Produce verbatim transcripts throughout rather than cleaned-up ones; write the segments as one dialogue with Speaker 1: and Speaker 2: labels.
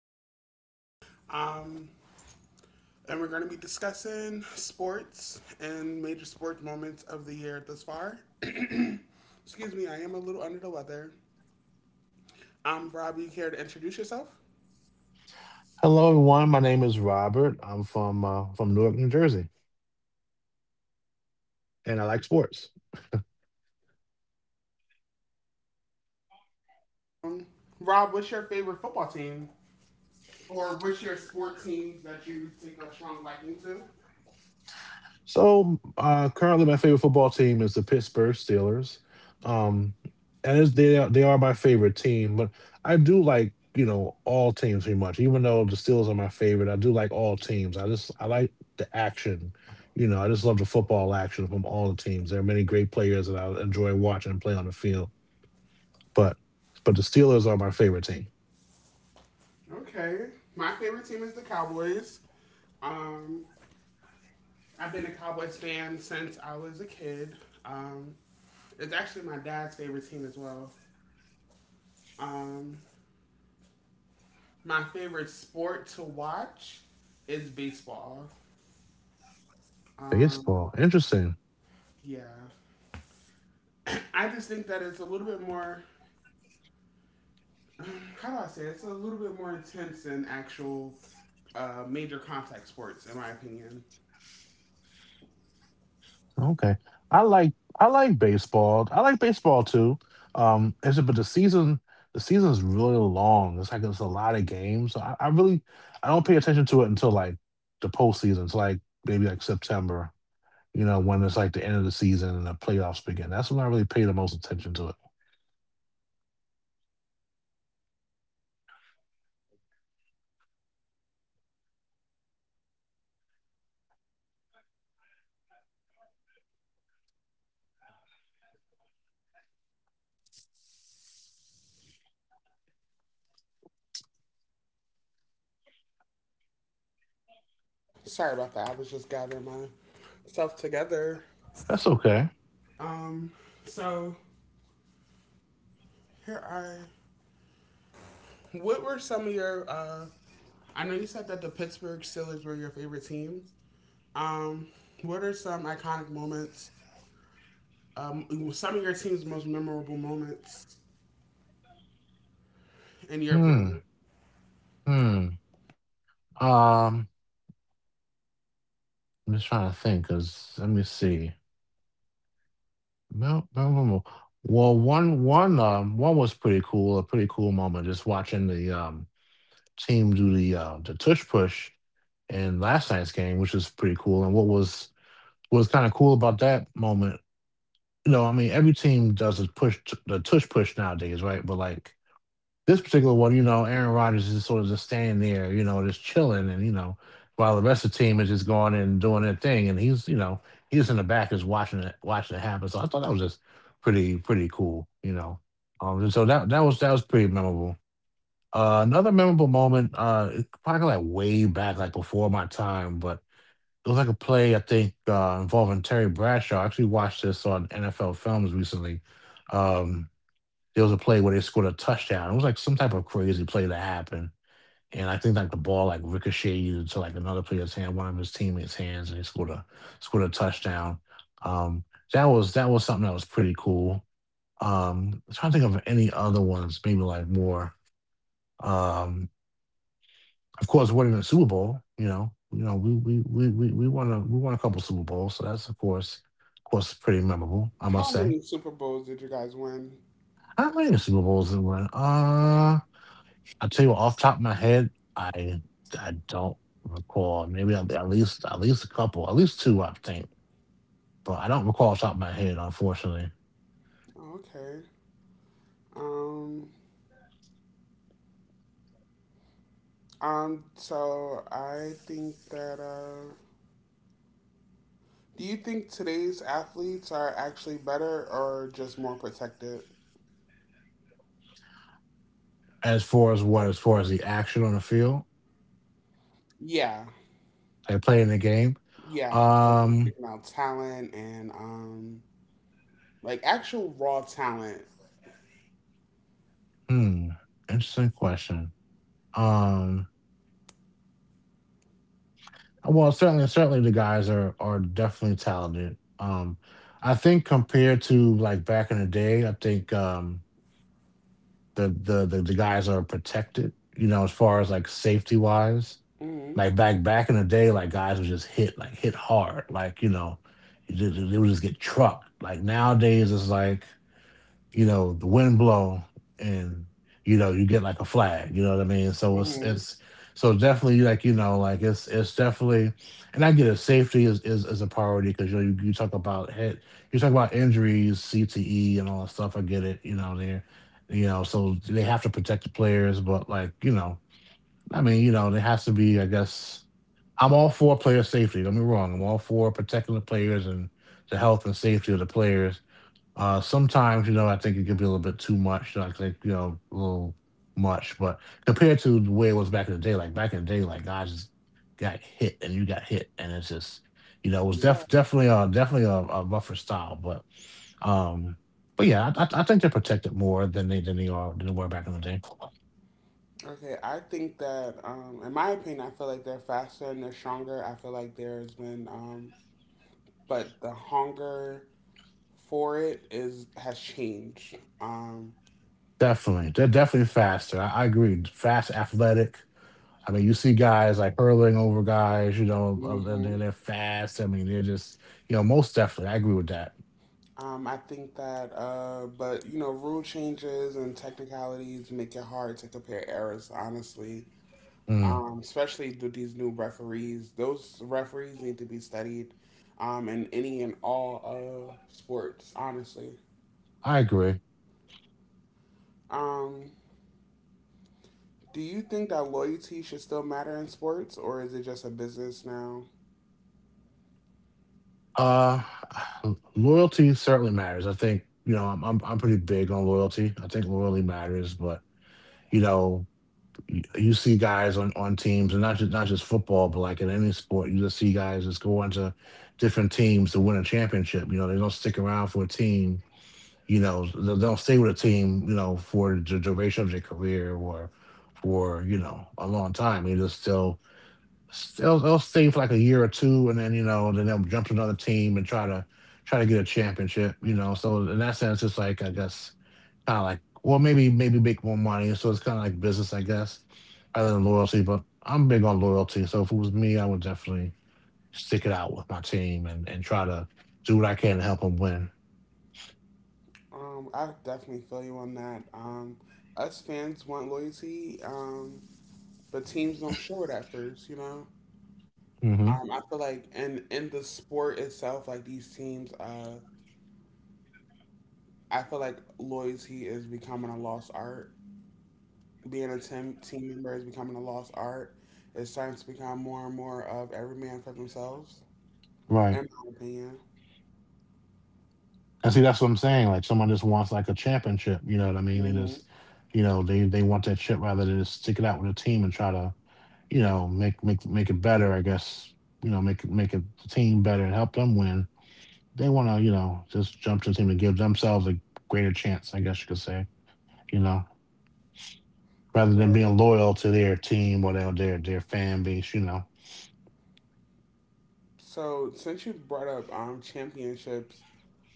Speaker 1: with Rob. Um, and we're going to be discussing sports and major sports moments of the year thus far. Excuse me, I am a little under the weather. Um, Rob, you care to introduce yourself?
Speaker 2: Hello, everyone. My name is Robert. I'm from uh, from Newark, New Jersey, and I like sports.
Speaker 1: Um, Rob, what's your favorite football team? Or what's your sport team that you take a strong liking to?
Speaker 2: So uh, currently, my favorite football team is the Pittsburgh Steelers. Um, and it's, they are, they are my favorite team, but I do like you know all teams pretty much. Even though the Steelers are my favorite, I do like all teams. I just I like the action. You know, I just love the football action from all the teams. There are many great players that I enjoy watching play on the field, but but the Steelers are my favorite team.
Speaker 1: Okay, my favorite team is the Cowboys. Um, I've been a Cowboys fan since I was a kid. Um, it's actually my dad's favorite team as well. Um, my favorite sport to watch is baseball. Um,
Speaker 2: Baseball, interesting.
Speaker 1: yeah. I just think that it's a little bit more, how do I say it? It's a little bit more intense than actual uh, major contact sports, in my opinion.
Speaker 2: Okay. I like I like baseball. I like baseball too. Um, it's but the season the season's really long. It's like it's a lot of games. So I, I really I don't pay attention to it until like the postseason. It's like maybe like September, you know, when it's like the end of the season and the playoffs begin. That's when I really pay the most attention to it.
Speaker 1: Sorry about that. I was just gathering myself together.
Speaker 2: That's okay.
Speaker 1: So, here are. What were some of your uh, I know you said that the Pittsburgh Steelers were your favorite team. Um, what are some iconic moments? Um, some of your team's most memorable moments, in your opinion.
Speaker 2: Hmm. Hmm. Um, I'm just trying to think because let me see. No, no, no, no. Well, one, one, um, one was pretty cool. A pretty cool moment, just watching the um team do the uh, the tush push in last night's game, which was pretty cool. And what was what was kind of cool about that moment, you know, I mean, every team does a push t- the tush push nowadays, right? But like this particular one, you know, Aaron Rodgers is sort of just standing there, you know, just chilling, and you know, while the rest of the team is just going in and doing their thing, and he's, you know, he's in the back just watching it, watching it happen. So I thought that was just pretty, pretty cool, you know. Um, and so that that was that was pretty memorable. Uh, another memorable moment, uh, it- probably like way back, like before my time, but it was like a play I think uh, involving Terry Bradshaw. I actually watched this on N F L Films recently. Um, there was a play where they scored a touchdown. It was like some type of crazy play that happened. And I think like the ball like ricocheted into like another player's hand, one of his teammates' hands, and he scored a scored a touchdown. Um, that was that was something that was pretty cool. Um, I'm trying to think of any other ones, maybe like more. Um, of course, winning the Super Bowl, you know, you know, we we we we we won a we won a couple Super Bowls, so that's of course, of course pretty memorable, I must
Speaker 1: How
Speaker 2: say.
Speaker 1: many Super Bowls did you guys win?
Speaker 2: How many Super Bowls did we win? Uh I'll tell you what, off the top of my head, I I don't recall. Maybe at, at least at least a couple, at least two, I think. But I don't recall off the top of my head, unfortunately.
Speaker 1: Oh, okay. Um, um. So I think that. Uh, do you think today's athletes are actually better or just more protected?
Speaker 2: As far as what, as far as the action on the field,
Speaker 1: Yeah,
Speaker 2: like playing the game.
Speaker 1: yeah. Like we're
Speaker 2: Um,
Speaker 1: speaking about talent and um, like actual raw talent.
Speaker 2: hmm, interesting question. Um, well, certainly, certainly the guys are are definitely talented. Um, I think compared to like back in the day, I think um the the the, the guys are protected. You know, as far as like safety wise. Like back back in the day, like guys would just hit like hit hard, like you know, you ju- ju- they would just get trucked. Like nowadays, it's like you know the wind blow and you know you get like a flag. You know what I mean? So it's
Speaker 1: Hmm.
Speaker 2: it's so definitely like you know like it's it's definitely, and I get it. Safety is is, is a priority because you know you, you talk about head, you talk about injuries, C T E, and all that stuff. I get it. You know there, you know so they have to protect the players, but like you know. I mean, you know, there has to be, I guess, I'm all for player safety. Don't be wrong. I'm all for protecting the players and the health and safety of the players. Uh, sometimes, you know, I think it could be a little bit too much. I think, you know, a little much, but compared to the way it was back in the day, like back in the day, like guys just got hit and you got hit, and it's just, you know, it was def-
Speaker 1: Yeah.
Speaker 2: definitely a definitely a, a rougher style, but, um, but yeah, I, I I think they're protected more than they than they are than they were back in the day.
Speaker 1: Okay, I think that, um, in my opinion, I feel like they're faster and they're stronger. I feel like there's been, um, but the hunger for it is has changed. Um,
Speaker 2: Definitely, they're definitely faster. I, I agree. Fast, athletic. I mean, you see guys like hurling over guys, you know, uh,
Speaker 1: hmm.
Speaker 2: they're, they're fast. I mean, they're just, you know, most definitely. I agree with that.
Speaker 1: Um, I think that, uh, but you know, rule changes and technicalities make it hard to compare errors, honestly.
Speaker 2: Mm,
Speaker 1: Um, especially with these new referees, those referees need to be studied, um, in any and all uh sports, honestly.
Speaker 2: I agree.
Speaker 1: Um, Do you think that loyalty should still matter in sports, or is it just a business now?
Speaker 2: Uh, Loyalty certainly matters. I think, you know, I'm, I'm, I'm pretty big on loyalty. I think loyalty matters, but, you know, you, you see guys on, on teams and not just, not just football, but like in any sport, you just see guys just go on to different teams to win a championship. You know, they don't stick around for a team. You know they'll they'll stay with a team you know for the duration of their career or for you know a long time. They just still still They'll stay for like a year or two and then you know then they'll jump to another team and try to try to get a championship. You know, so in that sense it's like I guess kind of like, well, maybe maybe make more money, so it's kind of like business I guess rather than loyalty. But I'm big on loyalty, so if it was me I would definitely stick it out with my team and and try to do what I can to help them win.
Speaker 1: Um, I definitely feel you on that. Um, us fans want loyalty, um, but teams don't show it at first. You know,
Speaker 2: Hmm.
Speaker 1: um, I feel like in in the sport itself, like these teams, uh, I feel like loyalty is becoming a lost art. Being a team team member is becoming a lost art. It's starting to become more and more of every man for themselves,
Speaker 2: Right.
Speaker 1: in my opinion.
Speaker 2: And see, that's what I'm saying. Like someone just wants like a championship, you know what I mean? They
Speaker 1: Hmm.
Speaker 2: just, you know, they they want that shit rather than just stick it out with a team and try to, you know, make make make it better. I guess you know, make it- make a team better and help them win. They want to, you know, just jump to the team to give themselves a greater chance. I guess you could say, you know, rather than being loyal to their team or their their, their fan base, you know.
Speaker 1: So, since you brought up um, championships,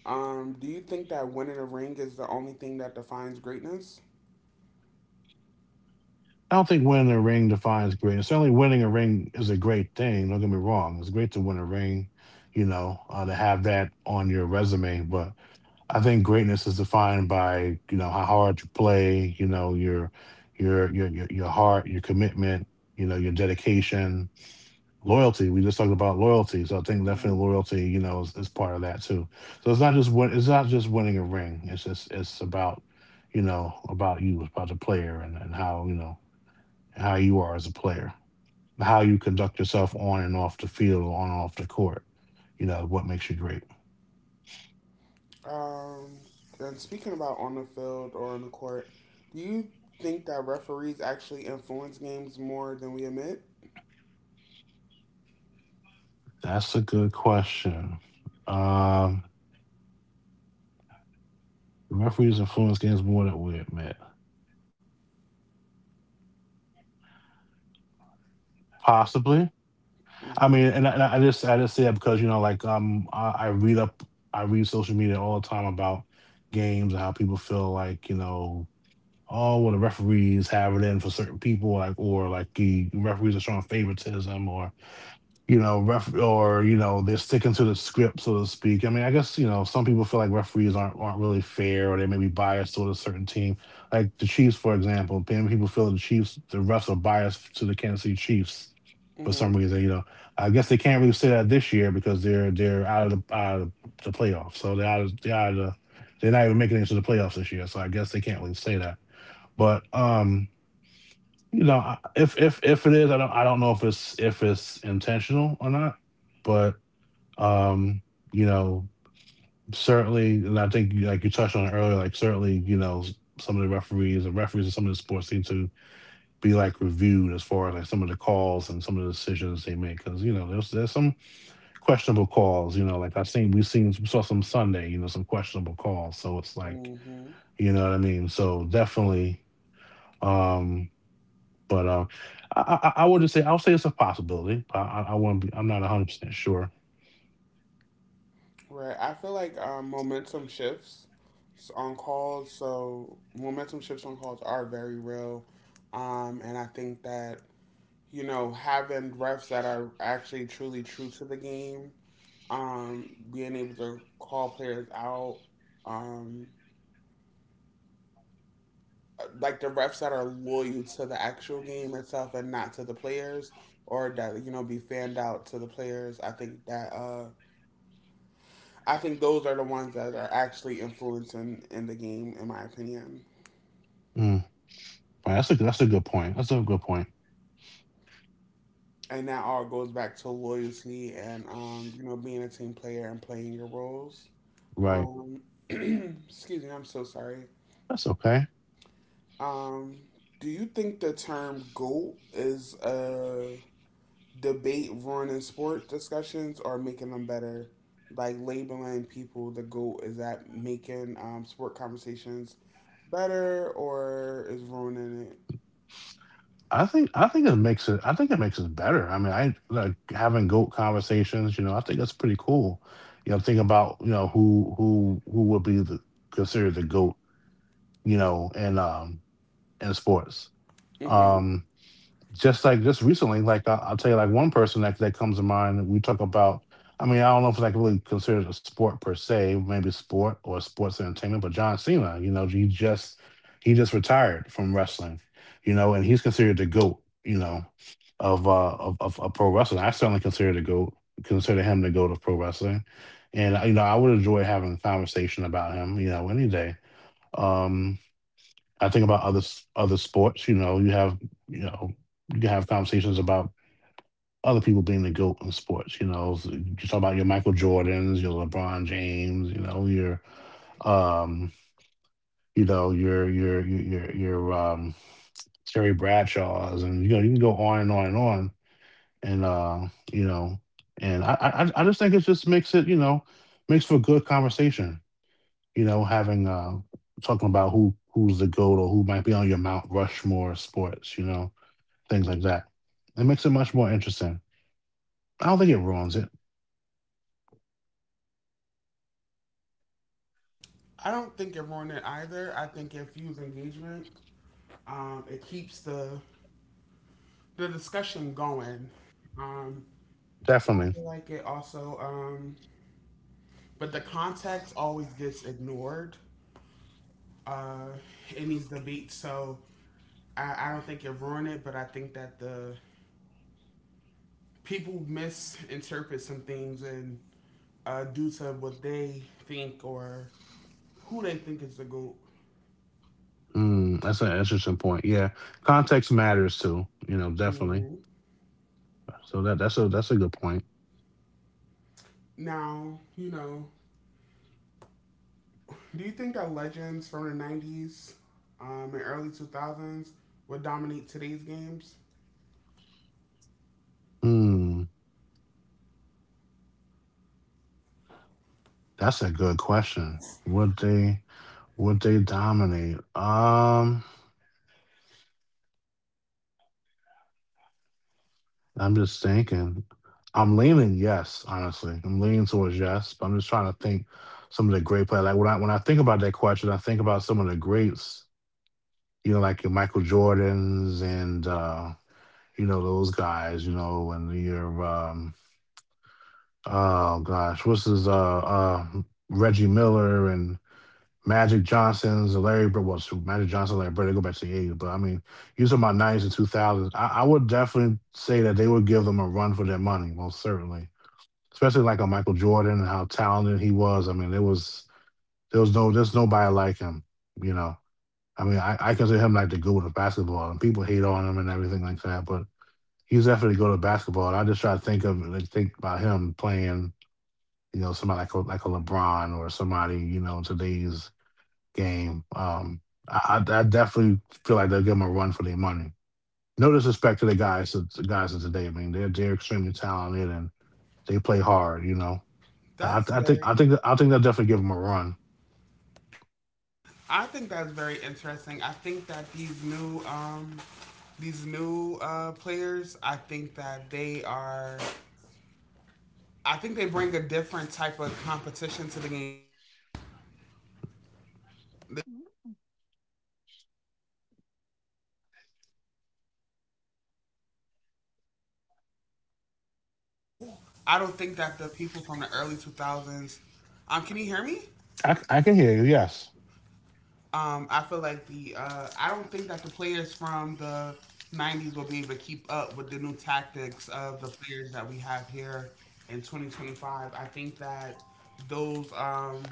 Speaker 1: um, do you think that winning a ring is the only thing that defines greatness?
Speaker 2: I don't think winning a ring defines greatness. Certainly, winning a ring is a great thing. Don't get me wrong; it's great to win a ring, you know, uh, to have that on your resume. But I think greatness is defined by you know how hard you play, you know, your your your your, your heart, your commitment, you know, your dedication, loyalty. We just talked about loyalty, so I think definitely
Speaker 1: Hmm.
Speaker 2: loyalty, you know, is, is part of that too. So it's not just win, it's not just winning a ring. It's just it's about you know about you, about the player, and and how you know how you are as a player, how you conduct yourself on and off the field, on and off the court. You know, what makes you great?
Speaker 1: Um, and speaking about on the field or on the court, do you think that referees actually influence games more than we admit?
Speaker 2: That's a good question. Um, Referees influence games more than we admit. Possibly. I
Speaker 1: Hmm.
Speaker 2: mean, and I, and I just I just say that because you know, like um, I, I read up, I read social media all the time about games and how people feel like you know, oh, well, the referees have it in for certain people, like or like the referees are showing favoritism, or. You know, ref or you know, they're sticking to the script, so to speak. I mean, I guess you know, some people feel like referees aren't aren't really fair, or they may be biased toward a certain team. Like the Chiefs, for example, many people feel the Chiefs, the refs are biased to the Kansas City Chiefs for some
Speaker 1: Mm-hmm.
Speaker 2: reason. You know, I guess they can't really say that this year because they're they're out of the out of the playoffs, so they're out of, they're out of the, they're not even making it to the playoffs this year. So I guess they can't really say that. But um you know, if if if it is, I don't I don't know if it's if it's intentional or not, but um, you know, certainly, and I think like you touched on it earlier, like certainly, you know, s- some of the referees and referees in some of the sports seem to be like reviewed as far as like some of the calls and some of the decisions they make because you know there's there's some questionable calls. You know, like I've seen we've seen we saw some Sunday, you know, some questionable calls. So it's like
Speaker 1: Mm-hmm.
Speaker 2: you know what I mean. So definitely. um. But uh, I, I I wouldn't say I'll say it's a possibility. But I, I wouldn't be. I'm not 100 percent sure.
Speaker 1: Right. I feel like um, momentum shifts s- on calls, so momentum shifts on calls are very real. Um, and I think that you know, having refs that are actually truly true to the game, um, being able to call players out, um, like the refs that are loyal to the actual game itself and not to the players, or that you know be fanned out to the players. I think that uh, I think those are the ones that are actually influencing in the game, in my opinion.
Speaker 2: Mm. Right, that's a that's a good point. That's a good point.
Speaker 1: And that all goes back to loyalty and um, you know being a team player and playing your roles.
Speaker 2: Right.
Speaker 1: Um, excuse me, I'm so sorry.
Speaker 2: That's okay.
Speaker 1: Um, do you think the term "goat" is a debate ruining sport discussions or making them better? Like labeling people the goat is that making um, sport conversations better or is ruining it?
Speaker 2: I think I think it makes it. I think it makes it better. I mean, I like having goat conversations. You know, I think that's pretty cool. You know, think about you know who who who would be the considered the goat. You know, in um in sports.
Speaker 1: Hmm.
Speaker 2: Um, just like just recently, like I, I'll tell you, like one person that that comes to mind. We talk about. I mean, I don't know if it's like really considered a sport per se, maybe sport or sports entertainment, but John Cena, you know, he just he just retired from wrestling, you know, and he's considered the goat, you know, of uh of of, of pro wrestling. I certainly consider the goat consider him the goat of pro wrestling, and uh, you know, I would enjoy having a conversation about him, you know, any day. Um, I think about other s- other sports. You know, you have you know you can have conversations about other people being the goat in sports. You know, so you talk about your Michael Jordans, your LeBron James. You know, your um, you know, your your your your, your um Terry Bradshaws, and you know you can go on and on and on. And uh, you know, and I I, I I just think it just makes it you know makes for good conversation. You know, having uh talking about who who's the goat or who might be on your Mount Rushmore of sports. You know, things like that. It makes it much more interesting. I don't think it ruins it.
Speaker 1: I don't think it ruined it either. I think it fuels engagement. Um, it keeps the the discussion going. Um, I feel
Speaker 2: Definitely.
Speaker 1: like it also, um, but the context always gets ignored. Uh, it needs the beat, so I, I don't think it ruined it, but I think that the people misinterpret some things and uh, due to what they think or who they think is the goat.
Speaker 2: Mm, that's an interesting point. Yeah, context matters too. You know,
Speaker 1: Mm-hmm.
Speaker 2: definitely. So that that's a that's a good point.
Speaker 1: Now, you know, do you think that legends from the nineties um, and early two thousands would dominate today's games?
Speaker 2: Hmm, that's a good question. Would they would they dominate? Um, I'm just thinking. I'm leaning yes, honestly. I'm leaning towards yes, but I'm just trying to think some of the great players. Like when I when I think about that question, I think about some of the greats. You know, like your Michael Jordans and uh you know those guys you know when you're um oh gosh what's his uh uh Reggie Miller and Magic Johnson's Larry Bird. Well shoot, Magic Johnson Larry Bird they go back to the eighties, but I mean you talking about nineties and two thousands, I, I would definitely say that they would give them a run for their money, most certainly, especially like a Michael Jordan, and how talented he was. I mean, there was there was no there's nobody like him, you know. I mean i, I consider him like the goat of basketball, and people hate on him and everything like that, but he was definitely good at basketball. And I just try to think of like, think about him playing, you know, somebody like a, like a LeBron or somebody, you know, in today's game. Um, I, I I definitely feel like they'll give him a run for their money. No disrespect to the guys, to the guys of today. I mean, they're they're extremely talented and they play hard. You know,
Speaker 1: That's
Speaker 2: I, I
Speaker 1: very
Speaker 2: think I think I think they'll definitely give him a run.
Speaker 1: I think that's very interesting. I think that these new um these new uh, players, I think that they are I think they bring a different type of competition to the game. I don't think that the people from the early two thousands um can you hear me?
Speaker 2: I, I can hear you. Yes.
Speaker 1: Um I feel like the uh I don't think that the players from the nineties will be able to keep up with the new tactics of the players that we have here in twenty twenty-five. I think that those um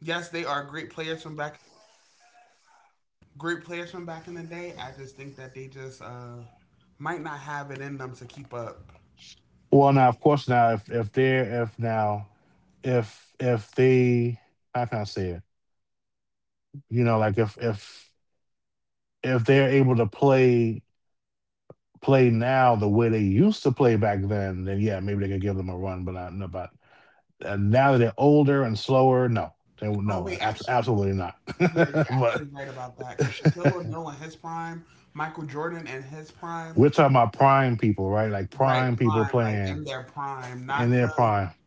Speaker 1: yes, they are great players from back in great players from back in the day. I just think that they just uh, might not have it in them to keep up.
Speaker 2: Well, now of course now if if they're if now if if they, how can I say it? You know, like if if if they're able to play play now the way they used to play back then, then yeah, maybe they could give them a run. But I don't know about uh, now that they're older and slower. No, they won't-
Speaker 1: Oh wait,
Speaker 2: no, abs-
Speaker 1: actually,
Speaker 2: absolutely not.
Speaker 1: yeah, you're
Speaker 2: But
Speaker 1: absolutely right about that. Because Shaquille O'Neal in his prime, Michael Jordan in his prime,
Speaker 2: we're talking about prime people, right? Like
Speaker 1: right
Speaker 2: prime people
Speaker 1: prime, like in
Speaker 2: playing
Speaker 1: their prime, not
Speaker 2: in their
Speaker 1: the
Speaker 2: prime.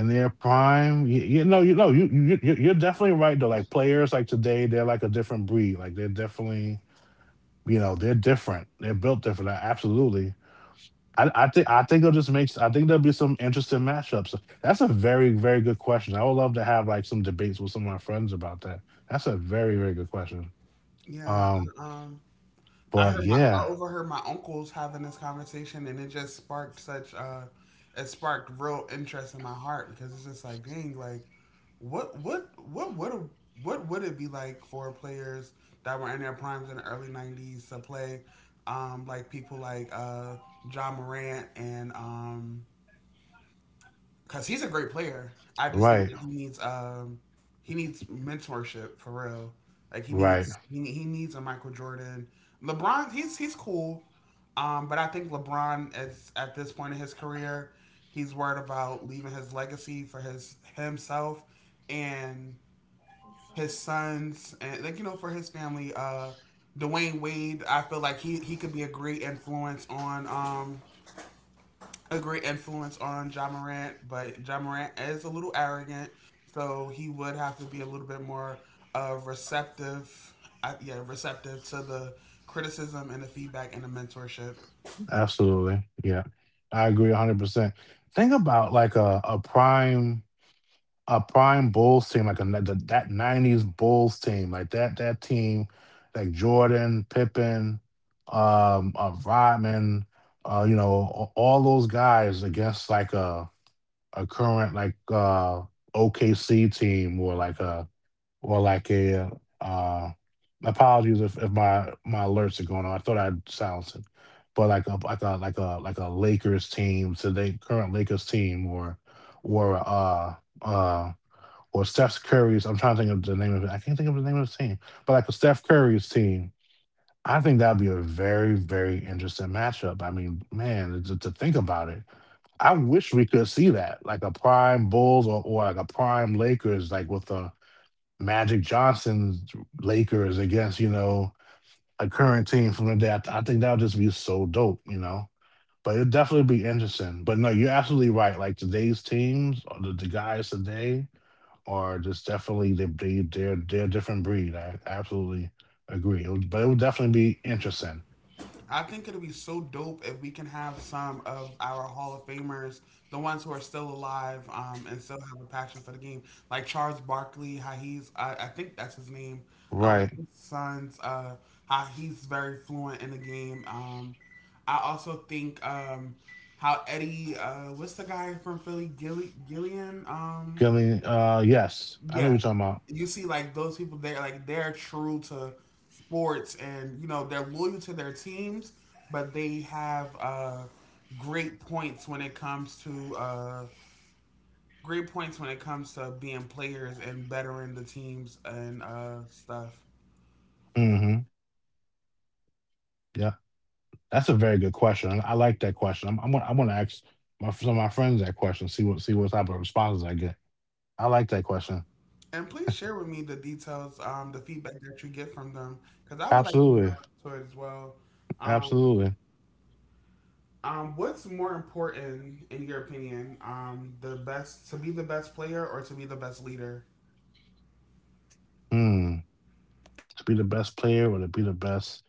Speaker 2: In their prime, you, you know, you know, you, you you- you're definitely right though. Like players, like today, they're like a different breed. Like they're definitely, you know, they're different. They're built different. uh, Absolutely. I, I think I think it'll just make, I think there'll be some interesting matchups. That's a very, very good question. I would love to have like some debates with some of my friends about that. That's a very, very good question.
Speaker 1: yeah.
Speaker 2: Um,
Speaker 1: uh, Um, I
Speaker 2: but
Speaker 1: heard my I
Speaker 2: yeah,
Speaker 1: overheard my uncles having this conversation, and it just sparked such uh, it sparked real interest in my heart because it's just like, dang, like, what what what would what would it be like for players that were in their primes in the early nineties to play, um, like people like uh, John Morant and um, because he's a great player. I just think that
Speaker 2: right,
Speaker 1: he needs um he needs mentorship for real. Like he
Speaker 2: right,
Speaker 1: needs he, ne- he needs a Michael Jordan. LeBron he's he's cool, um, but I think LeBron is at this point in his career, he's worried about leaving his legacy for his himself and his sons and like you know for his family. Uh, Dwayne Wade, I feel like he he could be a great influence on um a great influence on John Morant, but John Morant is a little arrogant, so he would have to be a little bit more uh, receptive. Uh, yeah, receptive to the criticism and the feedback and the mentorship.
Speaker 2: absolutely, yeah, I agree hundred percent. Think about like a a prime. a prime Bulls team, like a, the, that nineties Bulls team, like that that team, like Jordan, Pippen, um, uh, Rodman, uh, you know, a- all those guys against like a a current like uh O K C team, or like a or like a uh apologies if, if my my alerts are going on. I thought I'd silenced it. But like a like a like a like a Lakers team, so they current Lakers team or or uh uh or Steph Curry's. I'm trying to think of the name of it. I can't think of the name of the team, but like a Steph Curry's team, I think that'd be a very, very interesting matchup. I mean, man, to, to think about it, I wish we could see that, like a prime Bulls, or, or like a prime Lakers, like with the Magic Johnson's Lakers against you know a current team from the day after. I think that would just be so dope, you know. But it'd definitely be interesting. But no, you're absolutely right. Like today's teams, or the, the guys today, are just definitely they they they're they're a different breed. I absolutely agree. It would, but it would definitely be interesting.
Speaker 1: I think it will be so dope if we can have some of our Hall of Famers, the ones who are still alive um, and still have a passion for the game, like Charles Barkley, how he's, I, I think that's his name, um, his
Speaker 2: Right.
Speaker 1: sons, uh, how he's very fluent in the game. Um, I also think um, how Eddie, uh, what's the guy from Philly, Gilly, Gillian? Um,
Speaker 2: I mean, uh, yes, I know
Speaker 1: yeah.
Speaker 2: what you're talking about.
Speaker 1: You see, like those people, they're like they're true to sports, and you know they're loyal to their teams, but they have uh, great points when it comes to uh, great points when it comes to being players and bettering the teams and uh, stuff.
Speaker 2: Mhm. Yeah. That's a very good question. I I like that question. I'm I'm gonna, I'm gonna ask my, some of my friends that question. See what see what type of responses I get. I like that question.
Speaker 1: And please share with me the details, um, the feedback that you get from them, because I would like to
Speaker 2: Absolutely.
Speaker 1: know it as well. Um,
Speaker 2: Absolutely.
Speaker 1: Um, what's more important, in your opinion, um, the best to be the best player or to be the best leader?
Speaker 2: Hmm. To be the best player or to be the best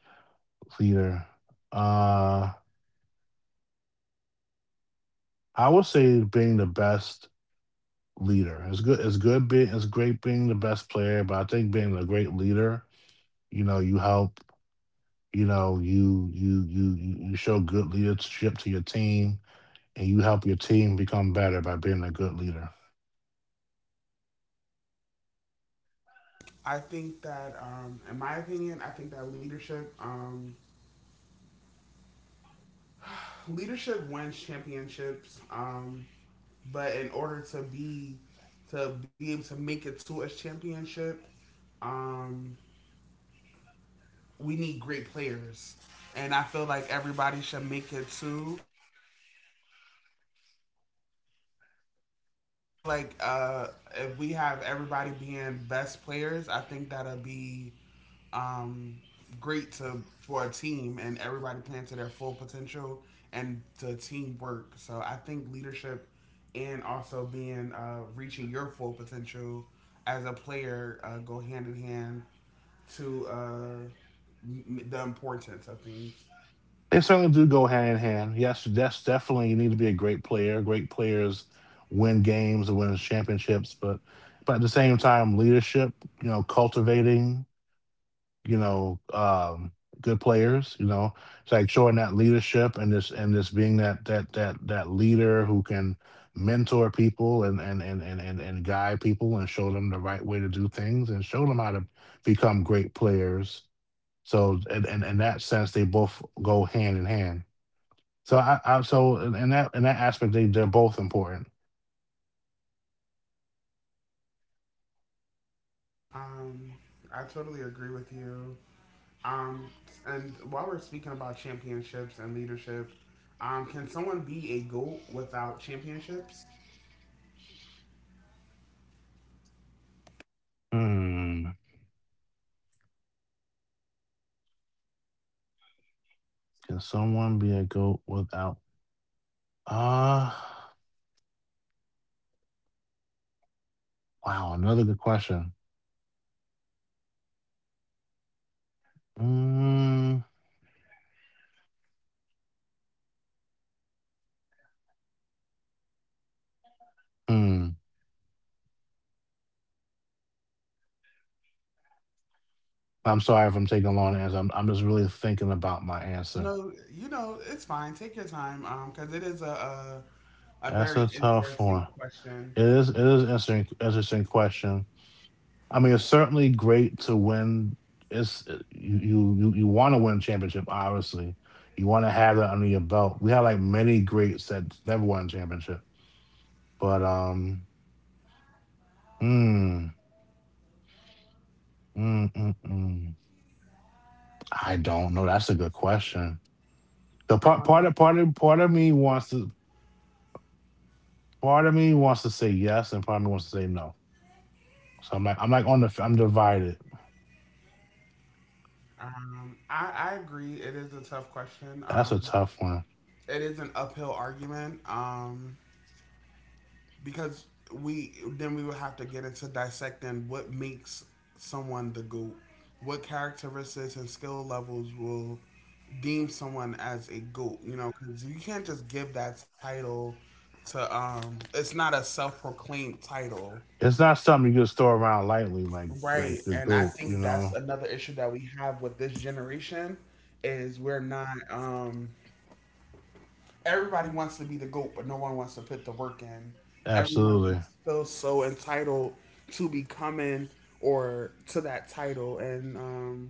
Speaker 2: leader. Uh, I would say being the best leader. It's good it's good being it's great being the best player, but I think being a great leader, you know, you help, you know, you you you you you show good leadership to your team, and you help your team become better by being a good leader.
Speaker 1: I think that, um, in my opinion, I think that leadership um, leadership wins championships. Um, but in order to be to be able to make it to a championship, um, we need great players, and I feel like everybody should make it too. I feel like uh, if we have everybody being best players, I think that'll be um, great to for a team and everybody playing to their full potential and to teamwork. So I think leadership and also being uh, reaching your full potential as a player uh, go hand in hand to uh, m- the importance of things.
Speaker 2: They certainly do go hand in hand. Yes, that's definitely, you need to be a great player. Great players win games and win championships, but but at the same time, leadership, you know, cultivating you know, um, good players. You know, it's like showing that leadership and this and this being that that that that leader who can mentor people and and and and and, and guide people and show them the right way to do things and show them how to become great players. So and and in that sense, they both go hand in hand. So I, I so in in that in that aspect, they they're both important.
Speaker 1: Um, I totally agree with you. Um, and while we're speaking about championships and leadership, um, can someone be a GOAT without championships?
Speaker 2: Hmm. Can someone be a goat without? Ah, wow, another good question. Mm. Mm. I'm sorry if I'm taking a long to answer. I'm I'm just really thinking about my answer.
Speaker 1: No, you know, it's fine. Take your time, um, because it is a, a a
Speaker 2: That's
Speaker 1: very
Speaker 2: a tough
Speaker 1: interesting
Speaker 2: one.
Speaker 1: question.
Speaker 2: It is it is interesting interesting question. I mean, it's certainly great to win. It's uh, you you you, you want to win a championship, obviously. You want to have that under your belt. We had like many greats that never won a championship, but um, mm, mm, mm, mm. I don't know. That's a good question. The part part
Speaker 1: Um,
Speaker 2: of part of part of me wants to part of me wants to say yes, and part of me wants to say no. So I'm like, I'm like on the, I'm divided.
Speaker 1: um, I I agree. It is a tough question.
Speaker 2: That's a
Speaker 1: Um,
Speaker 2: tough one.
Speaker 1: it is an uphill argument. Um, because we then we would have to get into dissecting what makes someone the goat, what characteristics and skill levels will deem someone as a goat. You know, because you can't just give that title to um. It's not a self-proclaimed title.
Speaker 2: It's not something you just throw around lightly, like
Speaker 1: Right.
Speaker 2: like the
Speaker 1: And I
Speaker 2: goat, you
Speaker 1: think that's
Speaker 2: know.
Speaker 1: another issue that we have with this generation is we're not um everybody wants to be the goat, but no one wants to put the work in. Everyone
Speaker 2: Absolutely.
Speaker 1: is- feels so entitled to becoming or to that title and um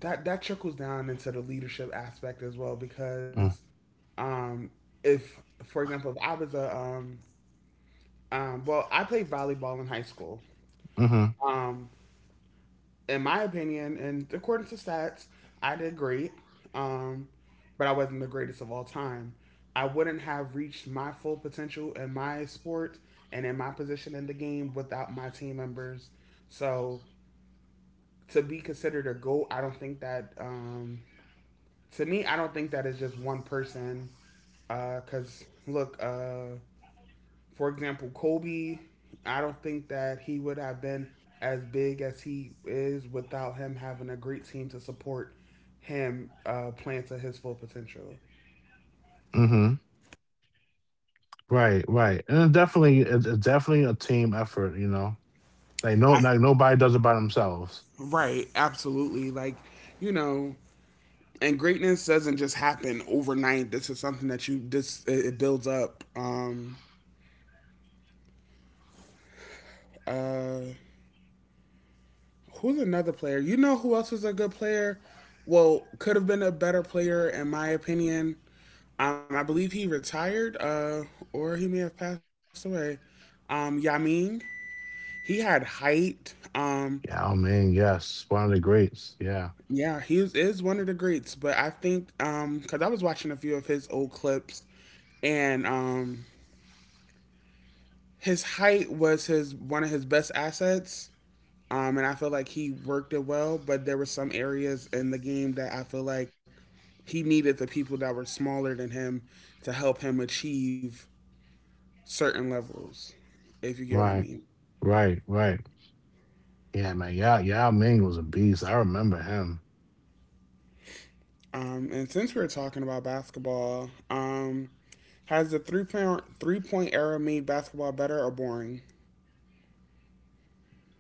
Speaker 1: that that trickles down into the leadership aspect as well because
Speaker 2: Mm,
Speaker 1: um if for example if I was a um um well I played volleyball in high school.
Speaker 2: Mm-hmm.
Speaker 1: Um in my opinion, and according to stats, I did great. Um, but I wasn't the greatest of all time. I wouldn't have reached my full potential in my sport and in my position in the game without my team members. So to be considered a goat, I don't think that. Um, to me, I don't think that is just one person. Because uh, look, uh, for example, Kobe, I don't think that he would have been as big as he is without him having a great team to support him uh, playing to his full potential.
Speaker 2: Mm-hmm. Right. Right. And it definitely, it's it's definitely a team effort, you know. Like no,
Speaker 1: I,
Speaker 2: like nobody does it by themselves.
Speaker 1: right, absolutely. Like, you know, and greatness doesn't just happen overnight. This is something that you this it, it builds up. Um, uh, Who's another player? You know who else is a good player? Well, could have been a better player in my opinion. Um, I believe he retired, uh, or he may have passed away. Um, Yaming, he had height. Um,
Speaker 2: Yao Ming, yes, one of the greats. Yeah.
Speaker 1: yeah, he is, is one of the greats. But I think um, because I was watching a few of his old clips, and um, his height was his one of his best assets. Um, and I feel like he worked it well, but there were some areas in the game that I feel like he needed the people that were smaller than him to help him achieve certain levels, if you get what I
Speaker 2: Right.
Speaker 1: mean.
Speaker 2: Right. Right. Yeah, man. Yao Yao Ming was a beast. I remember him.
Speaker 1: Um, and since we're talking about basketball, um, has the three point three point point era made basketball better or boring?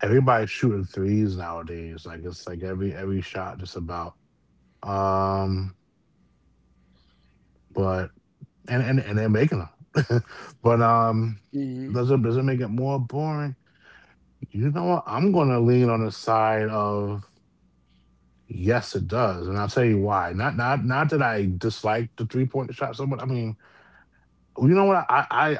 Speaker 2: Everybody's shooting threes nowadays. Like it's like every every shot just about. Um. But and and and they're making making them. But, um,
Speaker 1: hmm
Speaker 2: does it does it make it more boring? You know what? I'm gonna lean on the side of yes, it does, and I'll tell you why. Not not not that I dislike the three-point shot so much. I mean, you know what? I I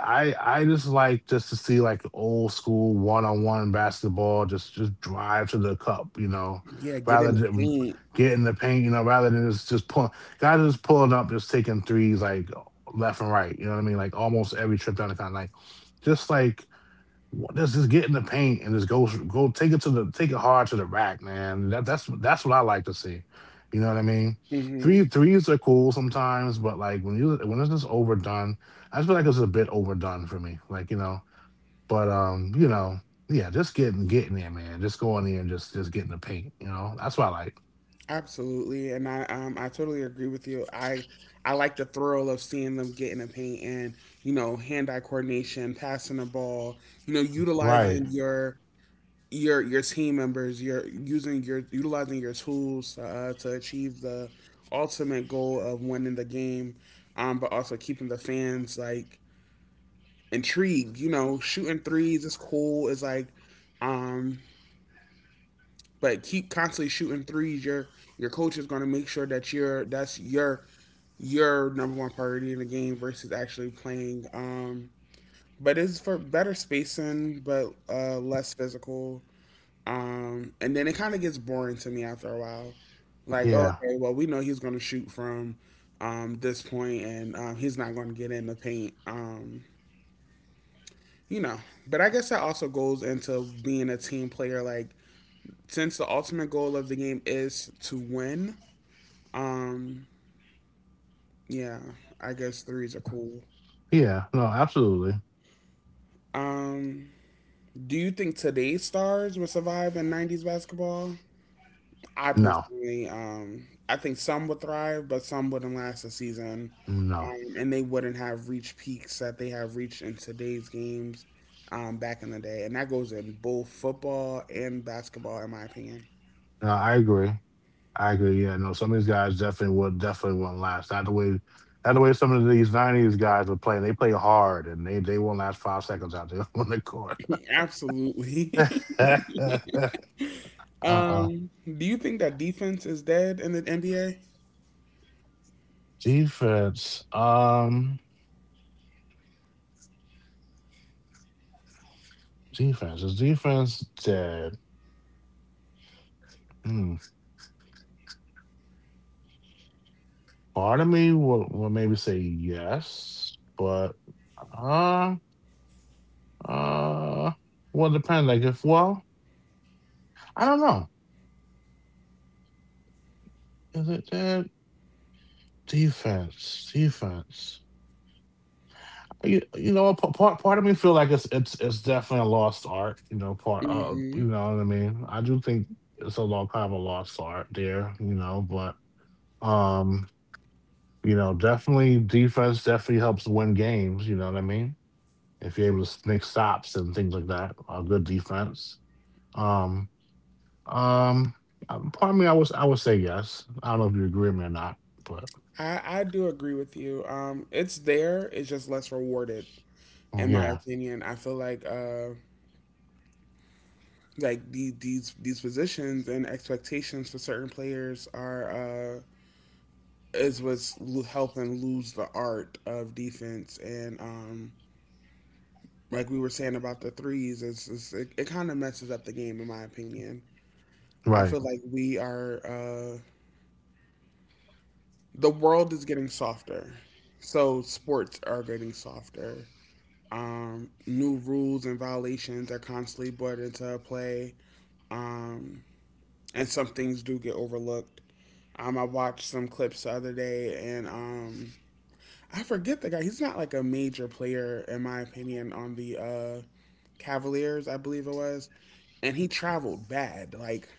Speaker 2: I I just like just to see like the old school one on one basketball. Just just drive to the cup, you know,
Speaker 1: Yeah, get in
Speaker 2: rather
Speaker 1: the
Speaker 2: than
Speaker 1: paint.
Speaker 2: get in the paint, you know, rather than just just pull guys just pulling up, just taking threes like left and right. You know what I mean? Like almost every trip down the kind, like just like let's just get in the paint and just go go take it to the take it hard to the rack, man. That that's that's what I like to see. You know what I mean?
Speaker 1: hmm
Speaker 2: Three threes are cool sometimes, but like when you when it's just overdone. I just feel like it's a bit overdone for me. Like you know, but um, you know, yeah, just getting getting there, man. Just go in there and just just get in the paint. You know, that's what I like.
Speaker 1: Absolutely, and I um I totally agree with you. I I like the thrill of seeing them get in the paint and you know hand-eye coordination, passing the ball, you know,
Speaker 2: Right?
Speaker 1: utilizing your your your team members, your using your utilizing your tools uh, to achieve the ultimate goal of winning the game, um, but also keeping the fans like intrigued. You know, shooting threes is cool. It's like um, but keep constantly shooting threes. Your your coach is going to make sure that you're that's your your number one priority in the game versus actually playing. Um, but it's for better spacing, but uh, less physical. Um, and then it kind of gets boring to me after a while. Like, oh,
Speaker 2: Yeah.
Speaker 1: okay, well, we know he's going to shoot from um, this point, and um, he's not going to get in the paint. Um, you know, but I guess that also goes into being a team player. Like, since the ultimate goal of the game is to win, um, yeah, I guess threes are cool.
Speaker 2: Yeah, no, absolutely.
Speaker 1: Um, Do you think today's stars would survive in nineties basketball? I
Speaker 2: No.
Speaker 1: personally, um, I think some would thrive, but some wouldn't last a season,
Speaker 2: No.
Speaker 1: um, and they wouldn't have reached peaks that they have reached in today's games um, back in the day, and that goes in both football and basketball, in my opinion.
Speaker 2: No, I agree. I agree. Yeah, no, some of these guys definitely would definitely won't last. Not the way, not the way some of these nineties guys were playing. They play hard, and they they won't last five seconds out there on the court.
Speaker 1: Absolutely.
Speaker 2: uh uh
Speaker 1: Um, do you think that defense is dead in the N B A?
Speaker 2: Defense. Um, defense is defense dead? Hmm. Part of me will will maybe say yes, but uh uh, well, depends. Like if well, I don't know. Is it dead? Defense, defense. you, you know p- part part of me feel like it's it's it's definitely a lost art, you know, part uh
Speaker 1: hmm
Speaker 2: you know what I mean? I do think it's a long kind of a lost art there, you know. But um you know, definitely defense definitely helps win games, you know what I mean? If you're able to make stops and things like that, a good defense. um um uh, Part of me, i was I would say yes. I don't know if you agree with me or not, but
Speaker 1: I I do agree with you. Um, it's there. It's just less rewarded.
Speaker 2: mm,
Speaker 1: In my
Speaker 2: yeah.
Speaker 1: opinion. I feel like uh, like the, these these positions and expectations for certain players are uh, is what's lo- helping lose the art of defense, and um, like we were saying about the threes, it's, it's, it, it kind of messes up the game in my opinion. I feel
Speaker 2: Right.
Speaker 1: like we are uh, the world is getting softer, so sports are getting softer. Um, new rules and violations are constantly brought into play. Um, and some things do get overlooked. Um, I watched some clips the other day, and um, I forget the guy. He's not like a major player, in my opinion, on the uh, Cavaliers, I believe it was. And he traveled bad, like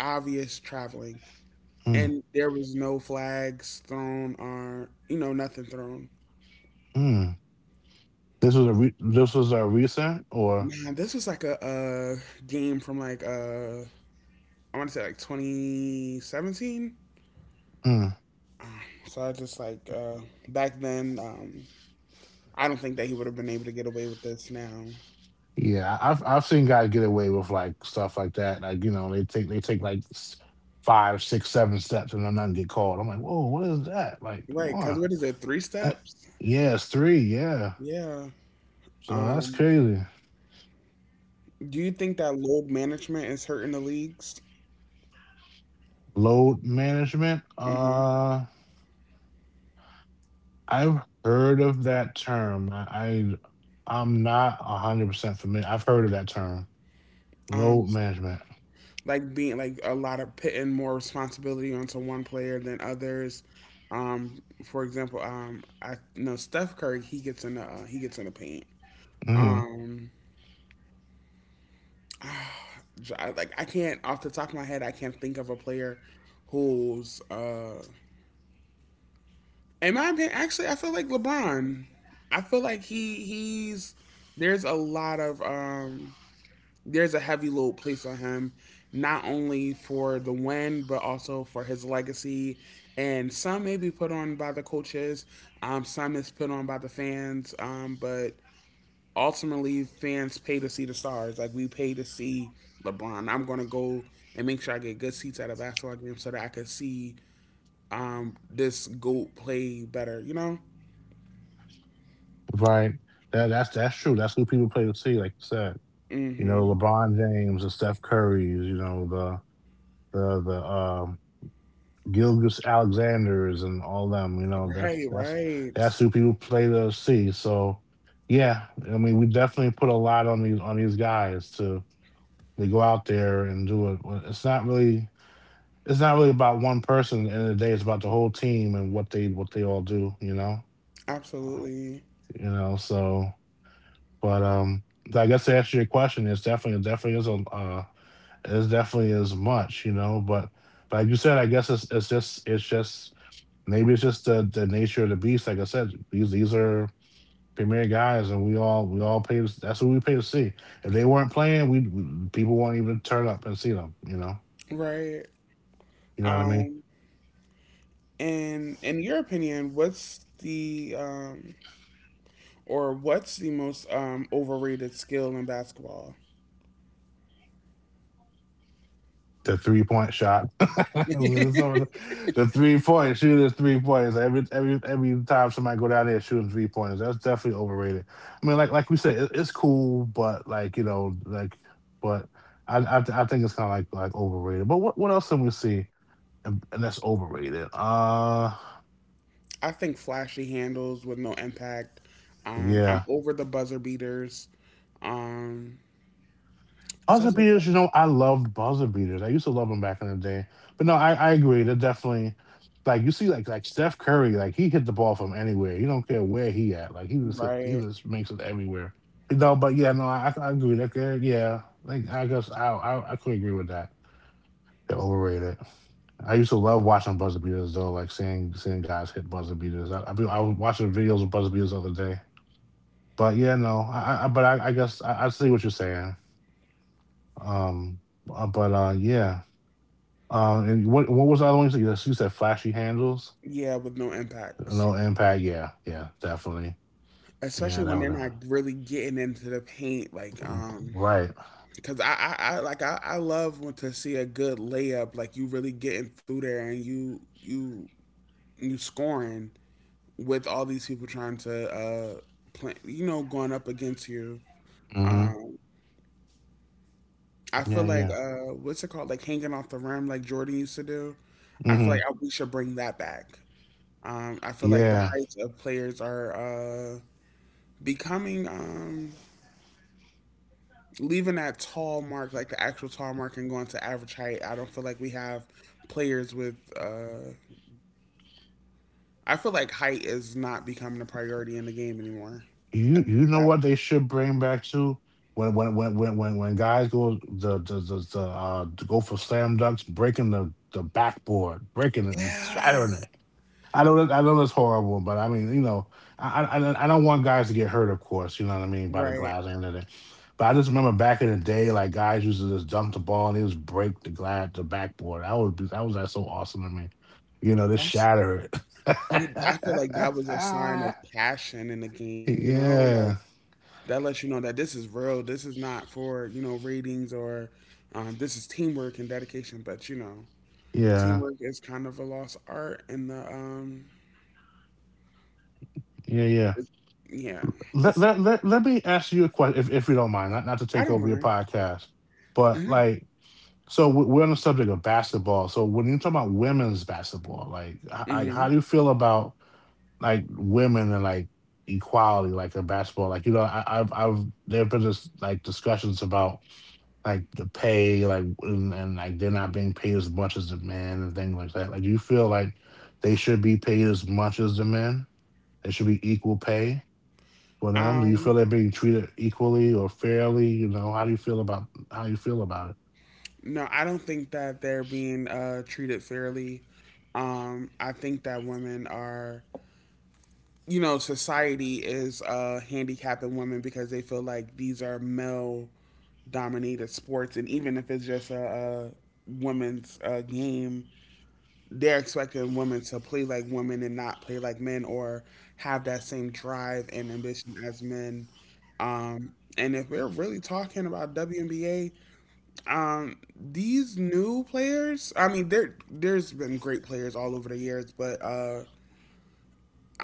Speaker 1: obvious traveling.
Speaker 2: mm,
Speaker 1: And there was no flags thrown or, you know, nothing thrown.
Speaker 2: mm. This was a re- this was a recent or?
Speaker 1: Man, this was like a, uh game from like, uh, I want to say like twenty seventeen.
Speaker 2: Mm.
Speaker 1: Um, So I just like, uh, Back then, um, I don't think that he would have been able to get away with this now.
Speaker 2: Yeah, I- I've I've seen guys get away with like stuff like that. Like you know, they take they take like s- five, six, seven steps and then nothing get called. I'm like, whoa, what is that? Like,
Speaker 1: Right,
Speaker 2: one,
Speaker 1: because what is it, three steps?
Speaker 2: yeah, it's three, yeah.
Speaker 1: Yeah.
Speaker 2: So that's
Speaker 1: Um,
Speaker 2: crazy.
Speaker 1: do you think that load management is hurting the leagues?
Speaker 2: Load management.
Speaker 1: hmm
Speaker 2: Uh, I've heard of that term. I, I, I'm not a hundred percent familiar. I've heard of that term. Load
Speaker 1: Um,
Speaker 2: management.
Speaker 1: like being like a lot of putting more responsibility onto one player than others. Um, for example, um, I know Steph Curry. He gets in the uh, he gets in the paint.
Speaker 2: Hmm.
Speaker 1: Um, I- Like I can't off the top of my head, I can't think of a player who's uh in my opinion. Actually, I feel like LeBron. I feel like he he's there's a lot of um there's a heavy load placed on him, not only for the win but also for his legacy. And some may be put on by the coaches, um, some is put on by the fans, um, but ultimately fans pay to see the stars. Like we pay to see LeBron. I'm gonna go and make sure I get good seats at a basketball game so that I can see um this goat play better. You know.
Speaker 2: Right. That that's that's true. That's who people play to see, like you said. You know,
Speaker 1: Mm-hmm.
Speaker 2: LeBron James, the Steph Currys, you know, the the the um Gilgis Alexanders and all them, you know, that's
Speaker 1: Right,
Speaker 2: that's that's who
Speaker 1: right.
Speaker 2: people play to see. So yeah, I mean we definitely put a lot on these on these guys to they go out there and do it. Well, it's not really it's not really about one person. At the end of the day, it's about the whole team and what they what they all do, you know?
Speaker 1: Absolutely.
Speaker 2: You know, so but um I guess to answer your question, it's definitely it definitely is a uh it definitely is much, you know. But like you said, I guess it's it's just it's just maybe it's just the, the nature of the beast. Like I said, these these are premier guys, and we all we all pay. To, that's what we pay to see. If they weren't playing, we, we people won't even turn up and see them. You know,
Speaker 1: Right.
Speaker 2: you know what I mean?
Speaker 1: Um and in your opinion, what's the um or what's the most um overrated skill in basketball?
Speaker 2: The three point shot. the, the three point shooters, three pointers. Every every every time somebody go down there shooting three pointers, that's definitely overrated. I mean, like like we said, it, it's cool, but like you know, like but I I, th- I think it's kind of like like overrated. But what what else can we see and, and that's overrated? Uh,
Speaker 1: I think flashy handles with no impact. Um
Speaker 2: yeah.
Speaker 1: I'm over the buzzer beaters. Um
Speaker 2: Buzzer
Speaker 1: Stuff like
Speaker 2: beaters,
Speaker 1: that.
Speaker 2: you know, I loved buzzer beaters. I used to love them back in the day. But no, I, I agree. They're definitely like you see, like like Steph Curry, like he hit the ball from anywhere. You don't care where he at. Like he just hit, he
Speaker 1: Right.
Speaker 2: just makes it everywhere. No, but yeah, no, I, I agree. That guy- yeah, like I guess I, I I could agree with that. They're overrated. I used to love watching buzzer beaters though, like seeing seeing guys hit buzzer beaters. I I, be, I was watching videos of buzzer beaters the other day. But yeah, no, I, I I- but I, I guess I, I see what you're saying. Um, uh, but uh, yeah. Uh, and what what was the other one you said? You said you said flashy handles,
Speaker 1: Yeah, with no impacts.
Speaker 2: no impact. Yeah, yeah, definitely. Yeah,
Speaker 1: Especially
Speaker 2: that
Speaker 1: when
Speaker 2: would
Speaker 1: they're
Speaker 2: uh,
Speaker 1: not really getting into the paint like um
Speaker 2: right.
Speaker 1: cause I, I, I like I, I love when to see a good layup, like you really getting through there and you you you scoring with all these people trying to uh play, you know, going up against you.
Speaker 2: Hmm.
Speaker 1: Um, I
Speaker 2: Yeah,
Speaker 1: feel
Speaker 2: yeah.
Speaker 1: like uh, what's it called, like hanging off the rim, like Jordan used to do. I
Speaker 2: Hmm.
Speaker 1: feel like I, we should bring that back. Um, I feel like the
Speaker 2: Yeah.
Speaker 1: heights of players are uh becoming um leaving that tall mark, like the actual tall mark, and going to average height. I don't feel like we have players with. Uh, I feel like height is not becoming a priority in the game anymore.
Speaker 2: You you know
Speaker 1: That-
Speaker 2: what they should bring back to when when when when when, when guys go the the the, the uh to go for slam dunks, breaking the the backboard, breaking it, just
Speaker 1: yeah,
Speaker 2: shattering it. I know that I know that's horrible, but I mean, you know, I I, I I don't want guys to get hurt, of course. You know what I mean, by the glass
Speaker 1: right.
Speaker 2: and everything. But I just remember back in the day, like guys used to just dump the ball and they just break the glass, the backboard. That would be that was like so awesome to me. You know, just
Speaker 1: That's.
Speaker 2: shatter it.
Speaker 1: You- I feel like that was a sign of passion in the game. You know,
Speaker 2: Yeah,
Speaker 1: like that lets you know that this is real. This is not for you know ratings or um, this is teamwork and dedication. But you know,
Speaker 2: yeah, yeah,
Speaker 1: teamwork is kind of a lost art, and the um,
Speaker 2: yeah.
Speaker 1: it's, yeah,
Speaker 2: Let,
Speaker 1: it's
Speaker 2: let let let me ask you a question, if if you don't mind, not not to take
Speaker 1: I
Speaker 2: over
Speaker 1: don't
Speaker 2: your
Speaker 1: mind.
Speaker 2: podcast, but
Speaker 1: hmm
Speaker 2: like so we- we're on the subject of basketball. So when you talk about women's basketball, like h- I, how do
Speaker 1: hmm
Speaker 2: you feel about like women and like equality, like in basketball? Like you know, I, I've I've there have been this, like discussions about like the pay, like and, and like they're not being paid as much as the men and things like that. Like, do you feel like they should be paid as much as the men? They should be equal pay for them. Do you feel
Speaker 1: Um,
Speaker 2: they're being treated equally or fairly? You know, how do you feel about how you feel about it?
Speaker 1: no, I don't think that they're being uh, treated fairly. Um, I think that women are, you know, society is uh, handicapping women because they feel like these are male dominated sports. And even if it's just a, a women's uh, game, they're expecting women to play like women and not play like men or have that same drive and ambition as men. Um, and if we're really talking about W N B A. Um, these new players, I mean, there there's been great players all over the years, but uh,